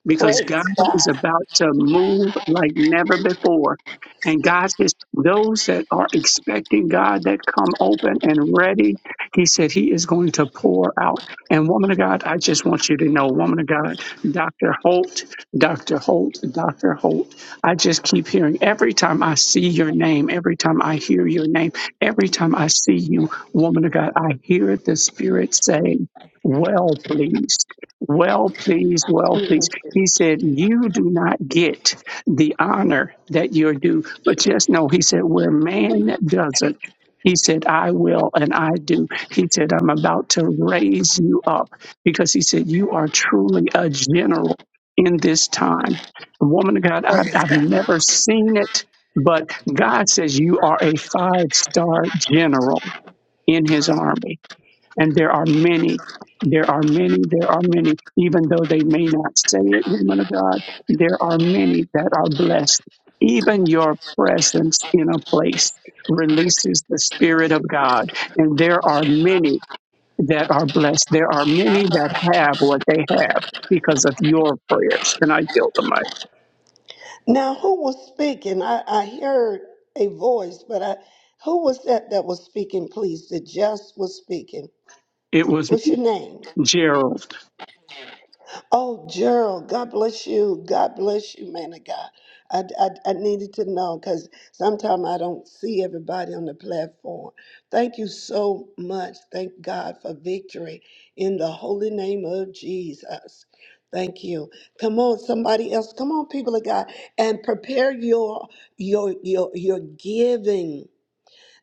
because Praise God God. is about to move like never before. And God says, those that are expecting God that come open and ready, He said He is going to pour out. And woman of God, I just want you to know, woman of God, Dr. Holt, Dr. Holt, Dr. Holt, I just keep hearing every time I see your name, every time I hear your name, every time I see you, woman of God, I hear the Spirit saying, well pleased well pleased well pleased Mhm. he said, You do not get the honor that you're due. But just know, he said, Where man doesn't, he said, I will and I do. He said, I'm about to raise you up because he said, You are truly a general in this time. Woman of God, I've, Praise I've never seen it, but God says, You are a five star general in his army. And there are many, there are many, there are many, even though they may not say it, woman of God, there are many that are blessed. Even your presence in a place releases the Spirit of God. And there are many that are blessed. There are many that have what they have because of your prayers. And I yield the mic. Now, who was speaking? I, I heard a voice, but I who was that that was speaking? Please, that just was speaking. It was What's your name? Gerald. Oh, Gerald, God bless you. God bless you, man of God. I, I, I needed to know because sometimes I don't see everybody on the platform. Thank you so much. Thank God for victory in the holy name of Jesus. Thank you. Come on, somebody else. Come on, people of God, and prepare your your your your giving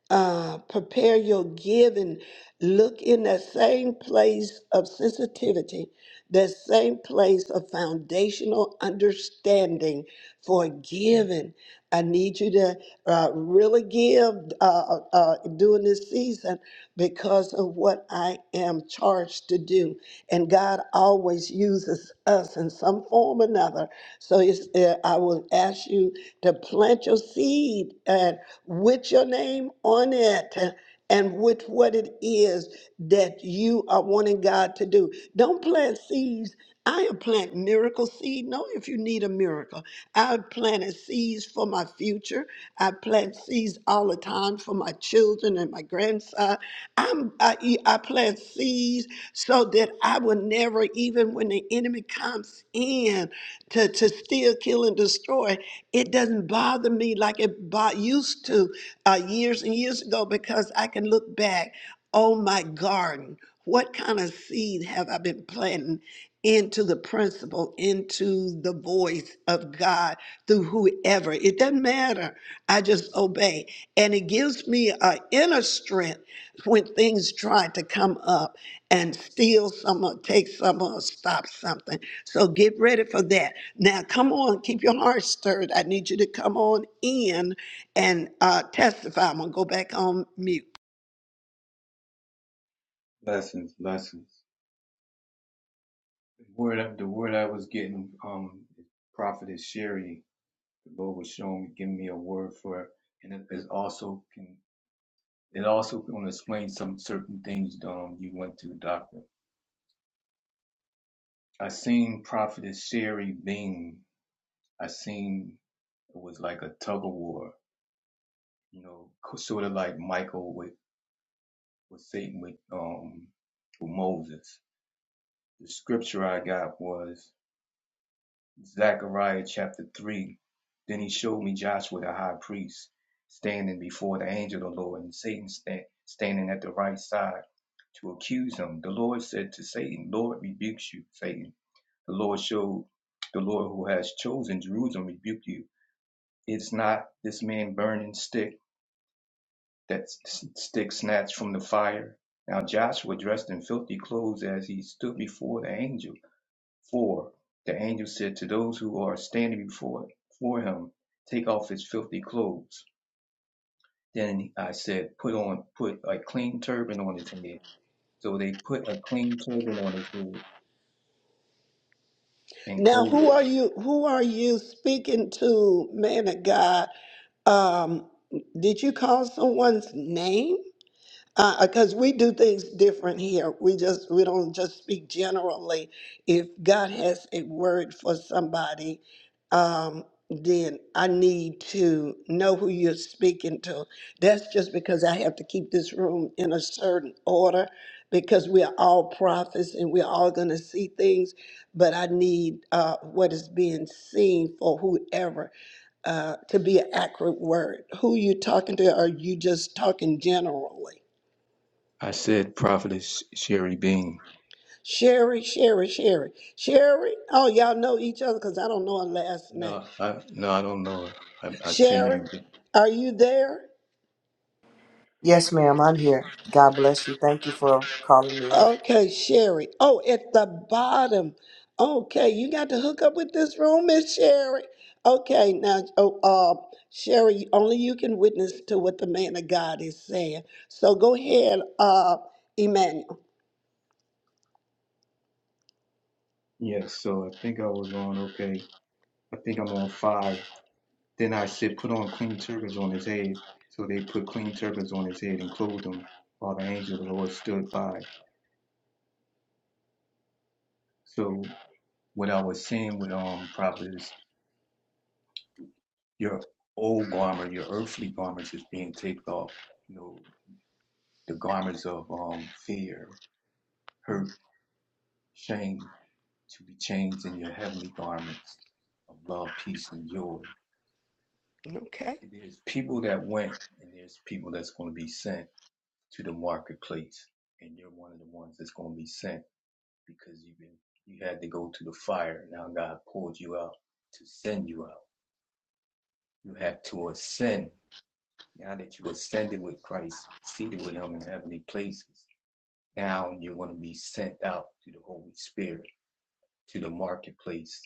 uh, prepare your give and look in that same place of sensitivity, that same place of foundational understanding for giving. I need you to uh, really give uh, uh, uh, during this season because of what I am charged to do. And God always uses us in some form or another. So it's, uh, I will ask you to plant your seed with your name on it and with what it is that you are wanting God to do. Don't plant seeds. I am planting miracle seed. Know if you need a miracle. I planted seeds for my future. I plant seeds all the time for my children and my grandson. I'm, I, I plant seeds so that I will never, even when the enemy comes in to, to steal, kill, and destroy, it doesn't bother me like it bo- used to uh, years and years ago because I can look back on my garden. What kind of seed have I been planting into the principle, into the voice of God through whoever? It doesn't matter. I just obey. And it gives me an inner strength when things try to come up and steal some or take some or stop something. So get ready for that. Now, come on, keep your heart stirred. I need you to come on in and uh, testify. I'm gonna go back on mute. Lessons, lessons. The word, the word I was getting, um, prophetess Sherry, the Lord was showing, giving me a word for, it, and it is also can, it also can explain some certain things. Um, you went to the doctor. I seen prophetess Sherry Bean. I seen it was like a tug of war, you know, sort of like Michael with with Satan with um with Moses. The scripture I got was. Zechariah chapter 3. Then he showed me Joshua the high priest standing before the angel of the Lord and Satan sta- standing at the right side to accuse him. The Lord said to Satan, Lord rebukes you, Satan. The Lord showed, the Lord who has chosen Jerusalem rebuked you. It's not this man burning stick, that stick snatched from the fire. Now Joshua dressed in filthy clothes as he stood before the angel. For, the angel said to those who are standing before for him, Take off his filthy clothes. Then I said, Put on, put a clean turban on his head. So they put a clean turban on his head and Now, who clothed. are you? Who are you speaking to, man of God? Um, did you call someone's name? because we do things different here. We just we don't just speak generally. If God has a word for somebody, um, then I need to know who you're speaking to. That's just because I have to keep this room in a certain order because we are all prophets and we're all going to see things. But I need uh, what is being seen for whoever uh, to be an accurate word. Who you talking to? Are you just talking generally? I said, Prophetess Sherry Bean. Sherry, Sherry, Sherry. Sherry, oh, y'all know each other because I don't know her last name. No, I no, I don't know her. I I seen her Sherry, again. are you there? Yes, ma'am, I'm here. God bless you. Thank you for calling me up. Okay, Sherry. Oh, at the bottom. Okay, you got to hook up with this room, Miss Sherry. Okay, now, oh, uh, Sherry, only you can witness to what the man of God is saying. So go ahead, uh, Emmanuel. Yes, so I think I was on okay. I think I'm on five. Then I said, Put on clean turbans on his head. So they put clean turbans on his head and clothed him, while the angel of the Lord stood by. So what I was saying with um prophet is your old garment, your earthly garments is being taken off, you know, the garments of um fear, hurt, shame to be changed in your heavenly garments of love, peace, and joy. Okay. There's people that went and there's people that's going to be sent to the marketplace. And you're one of the ones that's going to be sent because you've been you had to go to the fire. Now God pulled you out to send you out. You had to ascend Now that you ascended with Christ, seated with him in heavenly places, now you're going to be sent out to the Holy Spirit, to the marketplace,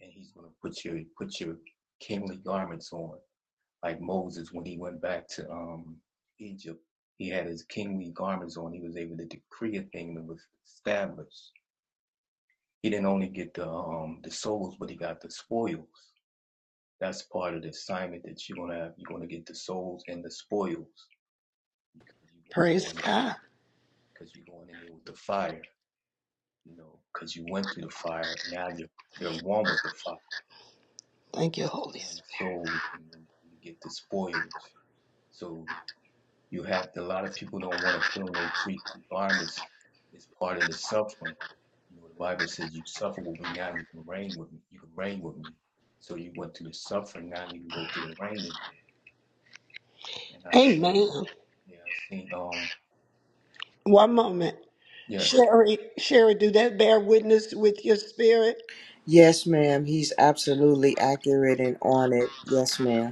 and he's going to put your put your kingly garments on, like Moses when he went back to um Egypt. He had his kingly garments on. He was able to decree a thing that was established. He didn't only get the um the souls, but he got the spoils. That's part of the assignment that you're gonna have. You're gonna get the souls and the spoils because you're going to go Praise in. God. because you're going in there with the fire, you know, because you went through the fire. Now you're you're one with the fire, Thank you, Holy one Spirit. soul, and then you get the spoils. So you have a lot of people don't want to put on their priestly garments. It's part of the suffering. You know, the Bible says you suffer with me now, you can reign with me. You can reign with me. So you went through the suffering, now you can go through the reigning. And I've seen, Amen. yeah, I've seen, um, One moment. yes, Sherry, Sherry, do that bear witness with your spirit? Yes, ma'am, he's absolutely accurate and on it. Yes, ma'am.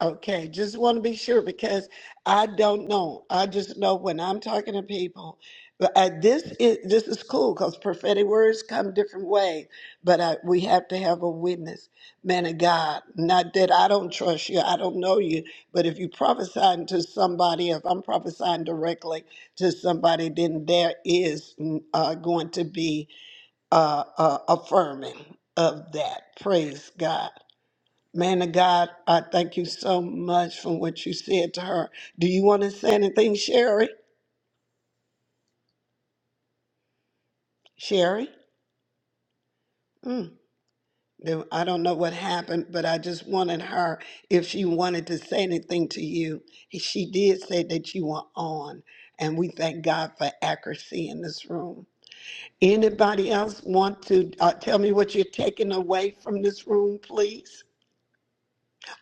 Okay, just want to be sure because I don't know. I just know when I'm talking to people. But I, this is this is cool because prophetic words come different ways. But I, we have to have a witness, man of God. Not that I don't trust you, I don't know you, but if you prophesying to somebody, if I'm prophesying directly to somebody, then there is mm, uh, going to be uh, uh, affirming of that. Praise God. Man of God, I thank you so much for what you said to her. Do you want to say anything, Sherry? Sherry? Mm. Then I don't know what happened, but I just wanted her, if she wanted to say anything to you, she did say that you were on. And we thank God for accuracy in this room. Anybody else want to uh, tell me what you're taking away from this room, please?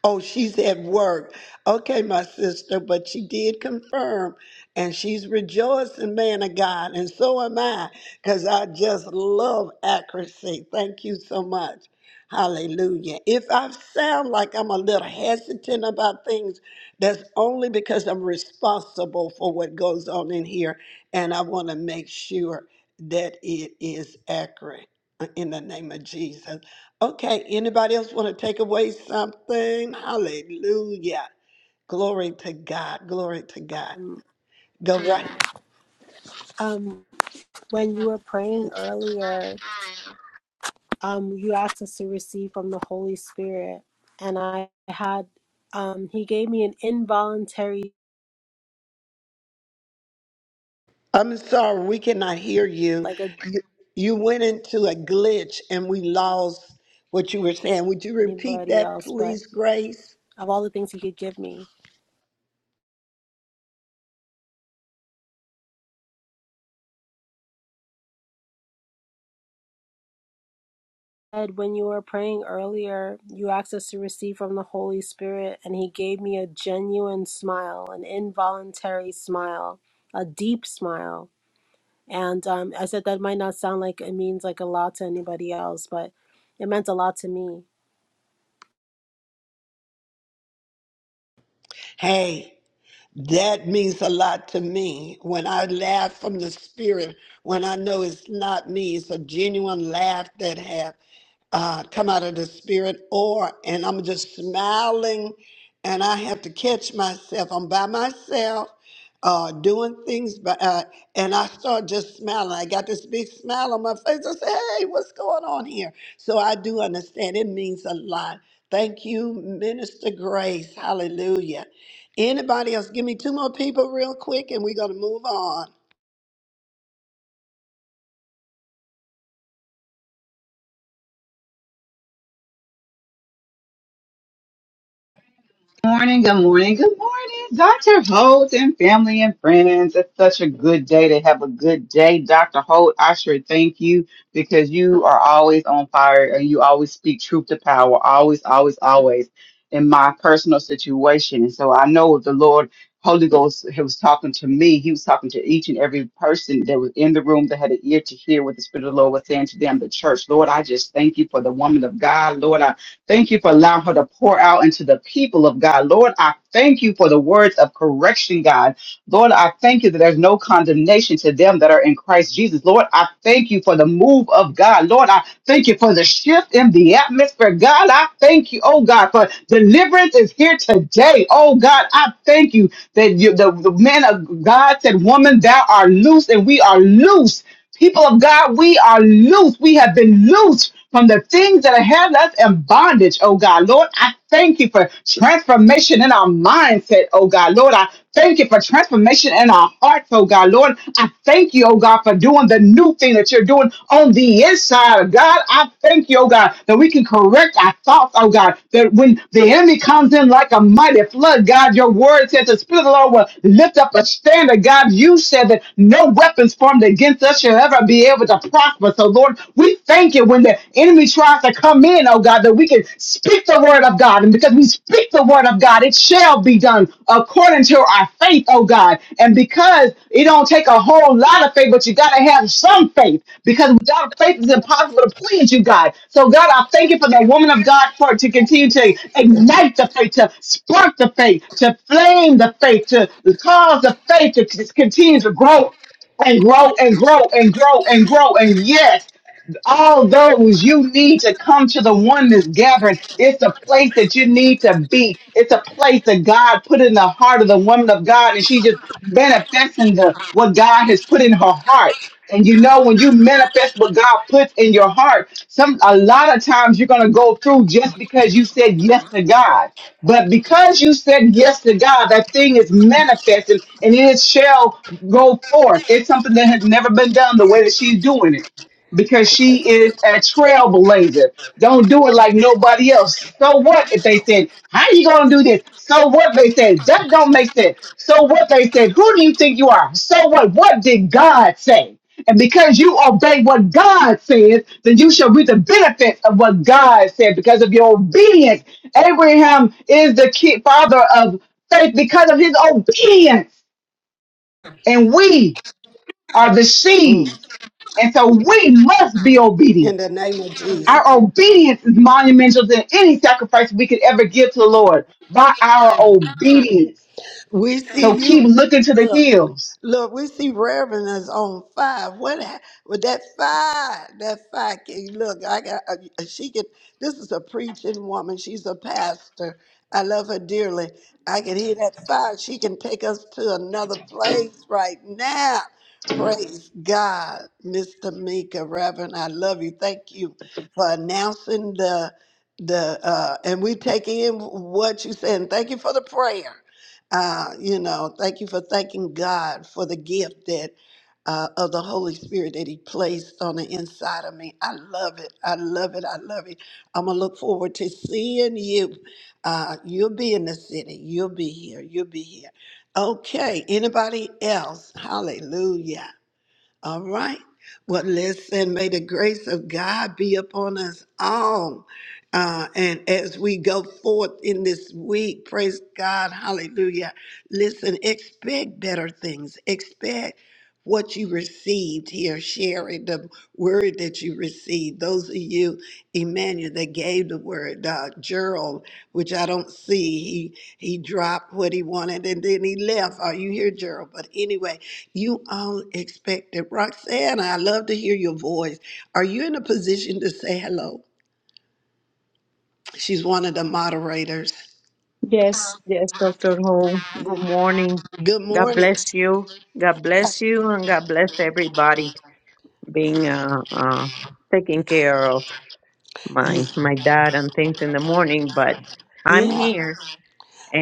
Oh, she's at work. Okay, my sister, but she did confirm and she's rejoicing, man of God, and so am I, because I just love accuracy. Thank you so much. Hallelujah. If I sound like I'm a little hesitant about things, that's only because I'm responsible for what goes on in here, and I want to make sure that it is accurate uh, in the name of Jesus. Okay, anybody else want to take away something? Hallelujah. Glory to God. Glory to God. Um, Go right. um, When you were praying earlier, um, you asked us to receive from the Holy Spirit, and I had, um, He gave me an involuntary, I'm sorry, we cannot hear you. like a, You, you went into a glitch and we lost what you were saying. Would you repeat anybody that, else, but please, Grace? of all the things He could give me. And when you were praying earlier, you asked us to receive from the Holy Spirit, and He gave me a genuine smile, an involuntary smile, a deep smile. And um, I said that might not sound like it means like a lot to anybody else, but it meant a lot to me Hey. That means a lot to me. When I laugh from the spirit, when I know it's not me, it's a genuine laugh that have uh, come out of the spirit, or and I'm just smiling, and I have to catch myself. I'm by myself, uh, doing things, by, uh, and I start just smiling. I got this big smile on my face. I say, "Hey, what's going on here?" So I do understand. It means a lot. Thank you, Minister Grace. Hallelujah. Anybody else? Give me two more people real quick and we're going to move on. morning, good morning, good morning, Dr. Holt and family and friends. It's such a good day to have a good day. Dr. Holt, I sure thank you because you are always on fire and you always speak truth to power, always, always, always in my personal situation. And so I know the Lord Holy Ghost he was talking to me. He was talking to each and every person that was in the room that had an ear to hear what the Spirit of the Lord was saying to them, the church. Lord, I just thank you for the woman of God. Lord, I Thank you for allowing her to pour out into the people of God. Lord, I thank you for the words of correction, God. Lord, I thank you that there's no condemnation to them that are in Christ Jesus. Lord, I thank you for the move of God. Lord, I thank you for the shift in the atmosphere. God, I thank you, oh God, for deliverance is here today. Oh God, I thank you that you, the, the man of God said, Woman, thou art loose, and we are loose. People of God, we are loose. We have been loosed from the things that have us in bondage, oh God. Lord, I thank you for transformation in our mindset, oh God. Lord, I thank you for transformation in our hearts, oh God. Lord, I thank you, oh God, for doing the new thing that you're doing on the inside, God. I thank you, oh God, that we can correct our thoughts, oh God, that when the enemy comes in like a mighty flood, God, your word says the Spirit of the Lord will lift up a standard, God. You said that no weapons formed formed against us shall ever be able to prosper. So, Lord, we thank you when the enemy tries to come in, oh God, that we can speak the word of God. And because we speak the word of God, it shall be done according to our faith, oh God. And because it don't take a whole lot of faith, but you got to have some faith because without faith, it's impossible to please you, God. So, God, I thank you for the woman of God for to continue to ignite the faith, to spark the faith, to flame the faith, to cause the faith to c- continue to grow and grow and grow and grow and grow. And yes, all those you need to come to the oneness gathering. It's a place that you need to be. It's a place that God put in the heart of the woman of God, and she just manifesting the what God has put in her heart. And you know, when you manifest what God puts in your heart, some a lot of times you're gonna go through just because you said yes to God. But because you said yes to God, that thing is manifested and it shall go forth. It's something that has never been done the way that she's doing it because she is a trailblazer. Don't do it like nobody else. So what if they said, How you gonna do this? So what they said, that don't make sense. So what they said, who do you think you are? So what? What did God say? And because you obey what God says, then you shall reap the benefits of what God said because of your obedience. Abraham is the ki- father of faith because of his obedience. And we are the Mm. seeds. And so we must be In the obedient name of Jesus. our obedience is monumental than any sacrifice we could ever give to the Lord by our obedience. We see So you. keep looking to the hills. Look, we see Reverend is on fire. What hap- with that fire? That fire. Can, look, I got. uh, She can. This is a preaching woman. She's a pastor. I love her dearly. I can hear that fire. She can take us to another place right now. Praise God, Mr. Mika, Reverend. I love you. Thank you for announcing the the uh, and we take in what you said. And thank you for the prayer. Uh, you know, thank you for thanking God for the gift that uh, of the Holy Spirit that He placed on the inside of me. I love it. I love it. I love it. I'm gonna look forward to seeing you. Uh, you'll be in the city. You'll be here. You'll be here. Okay. Anybody else? Hallelujah. All right. Well, listen, may the grace of God be upon us all. Uh, and as we go forth in this week, praise God, hallelujah. Listen, expect better things. Expect what you received here, sharing the word that you received. Those of you, Emmanuel, that gave the word, uh, Gerald, which I don't see, he he dropped what he wanted and then he left. Are you here, Gerald? But anyway, you all expected. Roxanne, I love to hear your voice. Are you in a position to say hello? She's one of the moderators. Yes, yes, Dr. Ho. Good morning. Good God morning. bless you. God bless you and God bless everybody being uh, uh, taking care of Yeah. my my dad and things in the morning, but I'm yeah. here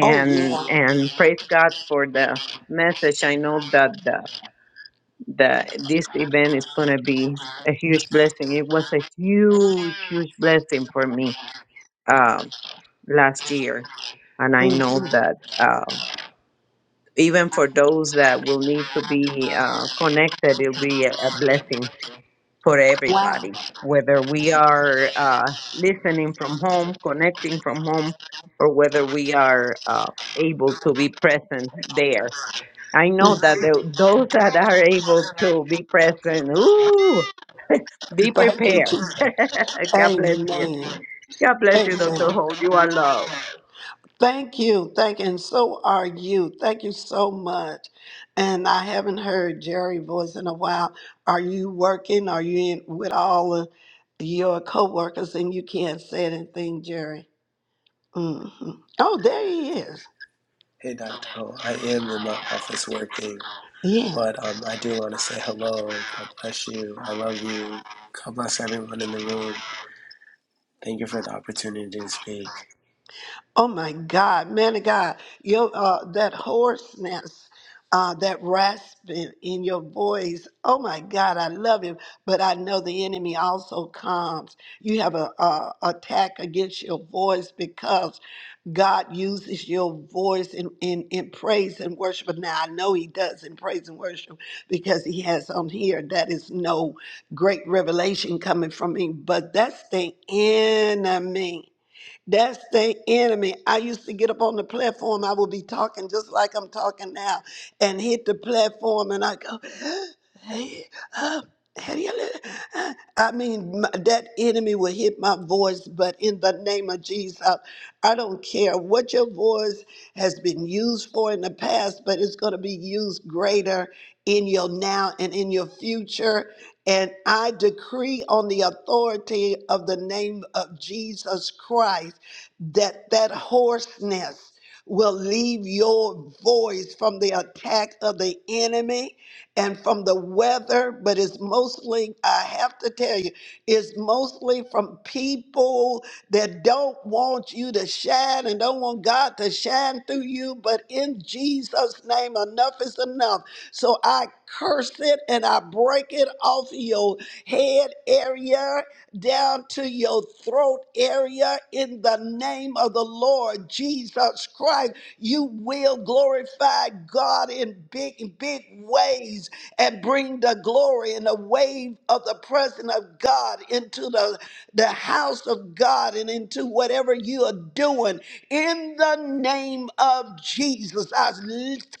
Oh, yeah. and praise God for the message. I know that the the this event is going to be a huge blessing. It was a huge huge blessing for me um last year and I know hmm that uh, even for those that will need to be uh, connected, it'll be a, a blessing for Wow. everybody. Whether we are uh, listening from home, connecting from home, or whether we are uh, able to be present there. I know that Mhm. the, those (laughs) that are able to be present, ooh, (laughs) be Thank you, prepared. Jesus. (laughs) God bless you. Amen. God bless you, Dr. Amen. Holt. You are loved. Thank you. Thank you. And so are you. Thank you so much. And I haven't heard Jerry voice in a while. Are you working? Are you in with all of your coworkers and you can't say anything, Jerry? hmm Oh, there he is. Hey, Dr. Ho, I am in my office working, Yeah. but um, I do want to say hello. God bless you. I love you. God bless everyone in the room. Thank you for the opportunity to speak. Oh my God, man of God, your uh, that hoarseness, uh, that rasping in your voice. Oh my God, I love him, but I know the enemy also comes. You have a, a attack against your voice because God uses your voice in, in, in praise and worship. But now I know He does in praise and worship because He has on here that is no great revelation coming from me, but that's the enemy. That's the enemy. I used to get up on the platform. I would be talking just like I'm talking now and hit the platform and I go, (gasps) hey, uh, how do you li- uh," I mean, my- that enemy will hit my voice, but in the name of Jesus, I don't care what your voice has been used for in the past, but it's going to be used greater in your now and in your future. And I decree on the authority of the name of Jesus Christ that that hoarseness will leave your voice from the attack of the enemy and from the weather but it's mostly i have to tell you it's mostly from people that don't want you to shine and don't want god to shine through you but in jesus name enough is enough so i curse it and i break it off your head area down to your throat area in the name of the Lord Jesus Christ. You will glorify God in big, big ways and bring the glory and the wave of the presence of God into the, the house of God and into whatever you are doing. In the name of Jesus, I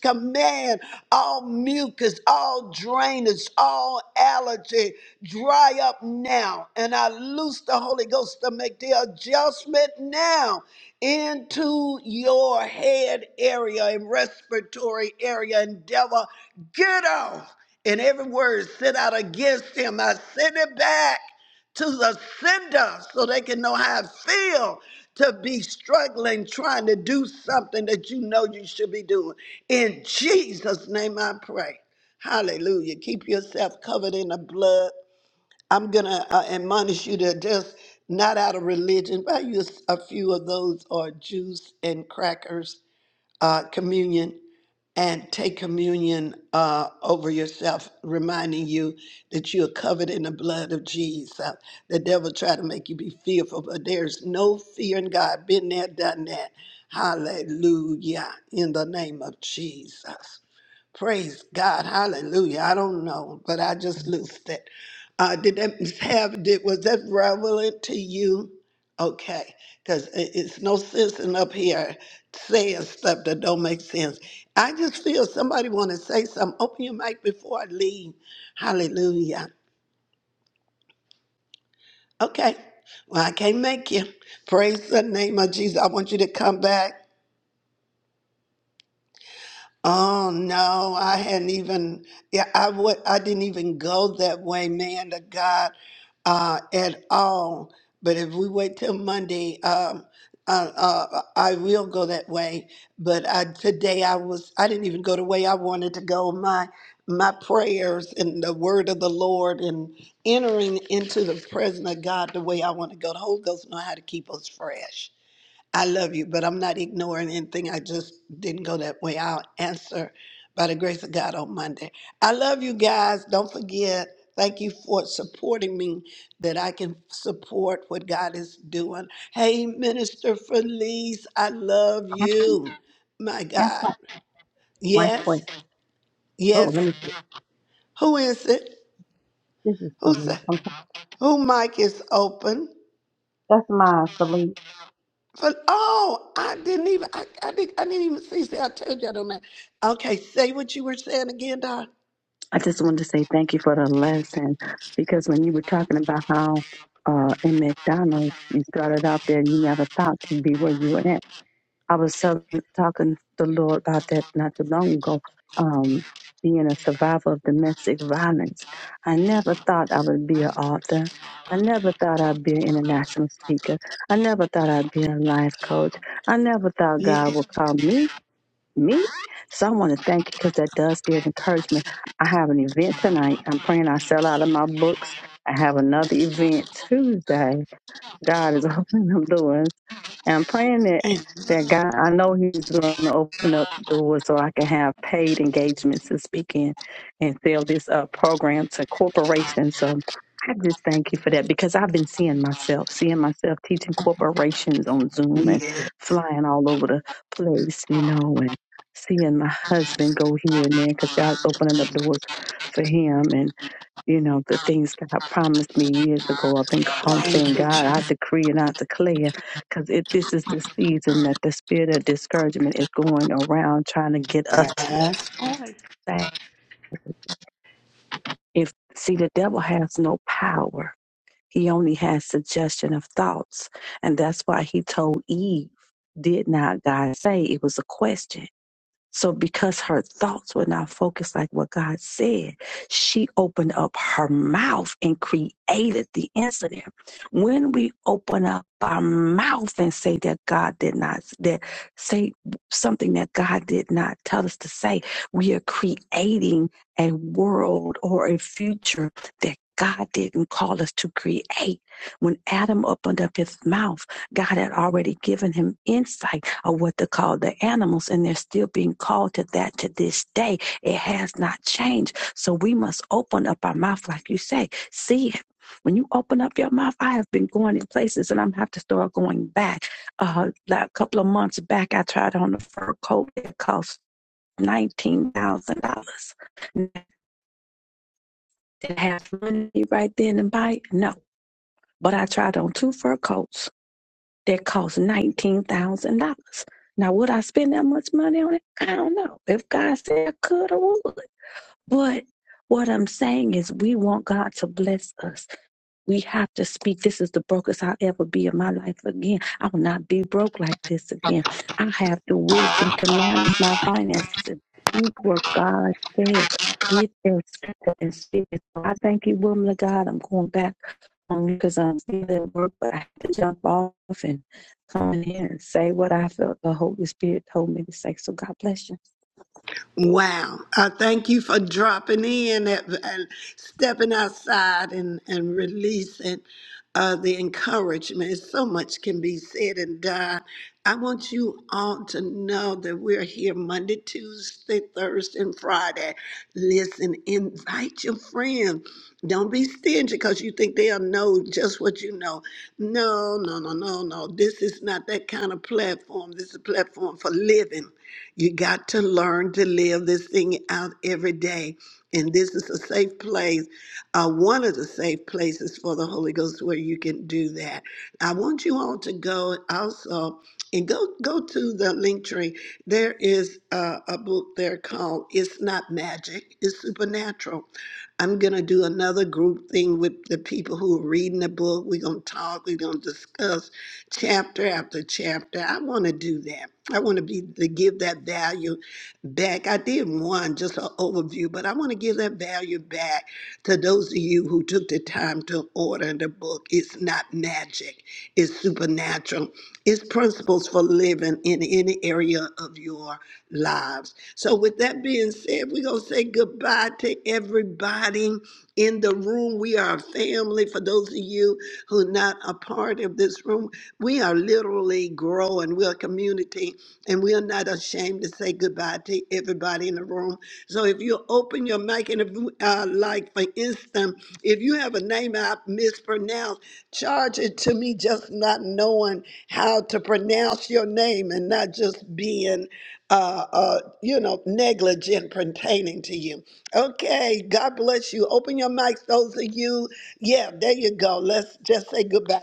command all mucus, all drainage, all allergy, dry up now. And I loose the Holy Ghost to make the adjustment now into your head area and respiratory area. And devil, get off. And every word sent out against him, I send it back to the sender so they can know how it feel to be struggling trying to do something that you know you should be doing. In Jesus' name I pray. Hallelujah. Keep yourself covered in the blood I'm going to uh, admonish you to just not out of religion, buy you a s- a few of those or juice and crackers uh, communion and take communion uh, over yourself, reminding you that you are covered in the blood of Jesus. The devil try to make you be fearful, but there's no fear in God. Been there, done that. Hallelujah. In the name of Jesus. Praise God. Hallelujah. I don't know, but I just loosed it. Uh, did that (laughs) have, did, was that relevant to you? Okay. Because it's no sense in up here saying stuff that don't make sense. I just feel somebody want to say something. Open your mic before I leave. Hallelujah. Okay. Well, I can't make you. Praise the name of Jesus. I want you to come back. Oh no, I hadn't even yeah, I would I didn't even go that way, man to God, uh, at all. But if we wait till Monday, um uh, uh, I will go that way. But I, today I was I didn't even go the way I wanted to go. My my prayers and the word of the Lord and entering into the presence of God the way I want to go. The Holy Ghost know how to keep us fresh. I love you, but I'm not ignoring anything. I just didn't go that way. I'll answer by the grace of God on Monday. I love you guys. Don't forget. Thank you for supporting me that I can support what God is doing. Hey, Minister Felice, I love I- you. My Guess God. what? Right Yes, quick. Oh, yes. let me take Who is it? this is Who Celine. said? I'm sorry. Who mic is open? That's my Celine. But oh, I didn't even I, I didn't I didn't even see. See, I told you I don't know. Okay, say what you were saying again, Doc. I just wanted to say thank you for the lesson because when you were talking about how uh, in McDonald's you started out there, you never thought to be where you were at. I was telling, talking to the Lord about that not too long ago, um, being a survivor of domestic violence. I never thought I would be an author. I never thought I'd be an international speaker. I never thought I'd be a life coach. I never thought God would Yes. call me, me. So I want to thank you because that does give encouragement. I have an event tonight. I'm praying I sell out of my books. I have another event Tuesday God is (laughs) opening up doors. And I'm praying that, Amen. that God, I know He's going to open up doors so I can have paid engagements to speak in, and sell this uh, program to corporations. So I just thank you for that because I've been seeing myself, seeing myself teaching corporations on Zoom and Yes. flying all over the place, you know, and seeing my husband go here and there because God's opening up doors for him. and you know, the things God promised me years ago. I've been called Thank saying, you, God, I decree and I declare, because this is the season that the spirit of discouragement is going around trying to get us Jesus. to say, if, see, the devil has no power. He only has suggestion of thoughts. And that's why he told Eve, did not God say? It was a question So, because her thoughts were not focused like what God said, she opened up her mouth and created the incident. When we open up our mouth and say that God did not, that say something that God did not tell us to say, we are creating a world or a future that God didn't call us to create. When Adam opened up his mouth, God had already given him insight of what to call the animals, and they're still being called to that to this day. It has not changed. So we must open up our mouth, like you say, see it. When you open up your mouth, I have been going in places and I'm have to start going back. Uh, like a couple of months back, I tried on a fur coat that cost nineteen thousand dollars. Did I have money right then and buy? No, but I tried on two fur coats that cost $19,000. Now, would I spend that much money on it? I don't know. If God said I could, I would. But what I'm saying is, we want God to bless us. We have to speak. This is the brokest I'll ever be in my life again. I will not be broke like this again. I have the wisdom to manage my finances. Speak what God said. Get that scripture and speak it. I thank you, woman of God. I'm going back on because I'm still at work, but I have to jump off and come in here and say what I felt the Holy Spirit told me to say. So God bless you. Wow. I thank you for dropping in and and stepping outside and, and releasing uh, the encouragement. So much can be said and done. I want you all to know that we're here Monday, Tuesday, Thursday, and Friday. Listen, invite your friend. Don't be stingy because you think they'll know just what you know. No, no, no, no, no. This is not that kind of platform. This is a platform for living. You got to learn to live this thing out every day. And this is a safe place, uh, one of the safe places for the Holy Ghost where you can do that. I want you all to go also and go go to the link tree. There is a, a book there called "It's Not Magic, It's Supernatural." I'm gonna do another group thing with the people who are reading the book. We're gonna talk. We're gonna discuss chapter after chapter. I want to do that. I want to be to give that value back. I did one just an overview, but I want to give that value back to those of you who took the time to order the book. It's not magic. It's supernatural. It's principles for living in any area of your lives. So with that being said, we're gonna say goodbye to everybody in the room. We are a family. For those of you who are not a part of this room, we are literally growing. We're a community, and we are not ashamed to say goodbye to everybody in the room. So if you open your mic, and if, uh, like for instance, if you have a name I mispronounce, charge it to me just not knowing how to pronounce your name and not just being, uh, uh, you know, negligent pertaining to you. Okay, God bless you. Open your mics, those of you. Yeah, there you go. Let's just say goodbye.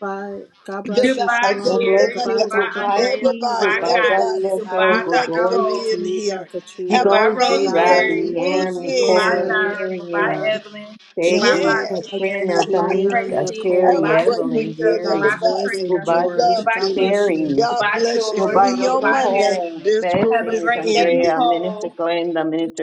Bye. God Good, bless you. night- uh, Goodbye, God good bless Shalom. Sherry. night, Goodbye, you. God. Goodbye, Dr. Goodbye, Holt, Andreas. Key. everybody, Goodbye, Roxana, Goodbye, God's Goddess. everybody. Felice, vessel. We Goodbye, Evelyn, Go, thank you Dr. for George. Jerry, Hope. being Tamika, here. Have Katrina, Goodbye, an Digozi, amazing Valerie, Rosemary. Rabbi, Ann, Rose, Goodbye, weekend. Nicole, Rosemary, Jira. Goodbye, Andrea, Miriam, Evelyn. Goodbye, Peggy, Sherry, Yes, Roxanne. Peggy, Katrina, Goodbye, Miriam, Tamika, Tracy. have Sherry, Nicole, a Goodbye, Key, great Evelyn, weekend, Tamika. God's Goodbye, Jerry. Voice, everybody. and Katrina. Goodbye, We George. love Jim- Goodbye, God you. Keith. bless you. Sherry. God Goodbye, bless you. George. Goodbye, See you Shalom. on Dr. Goodbye, Monday. Hall, This Marion. Have room a is Blessings, great day, Andrea, ending. Minister Nicole. Glenda, Minister.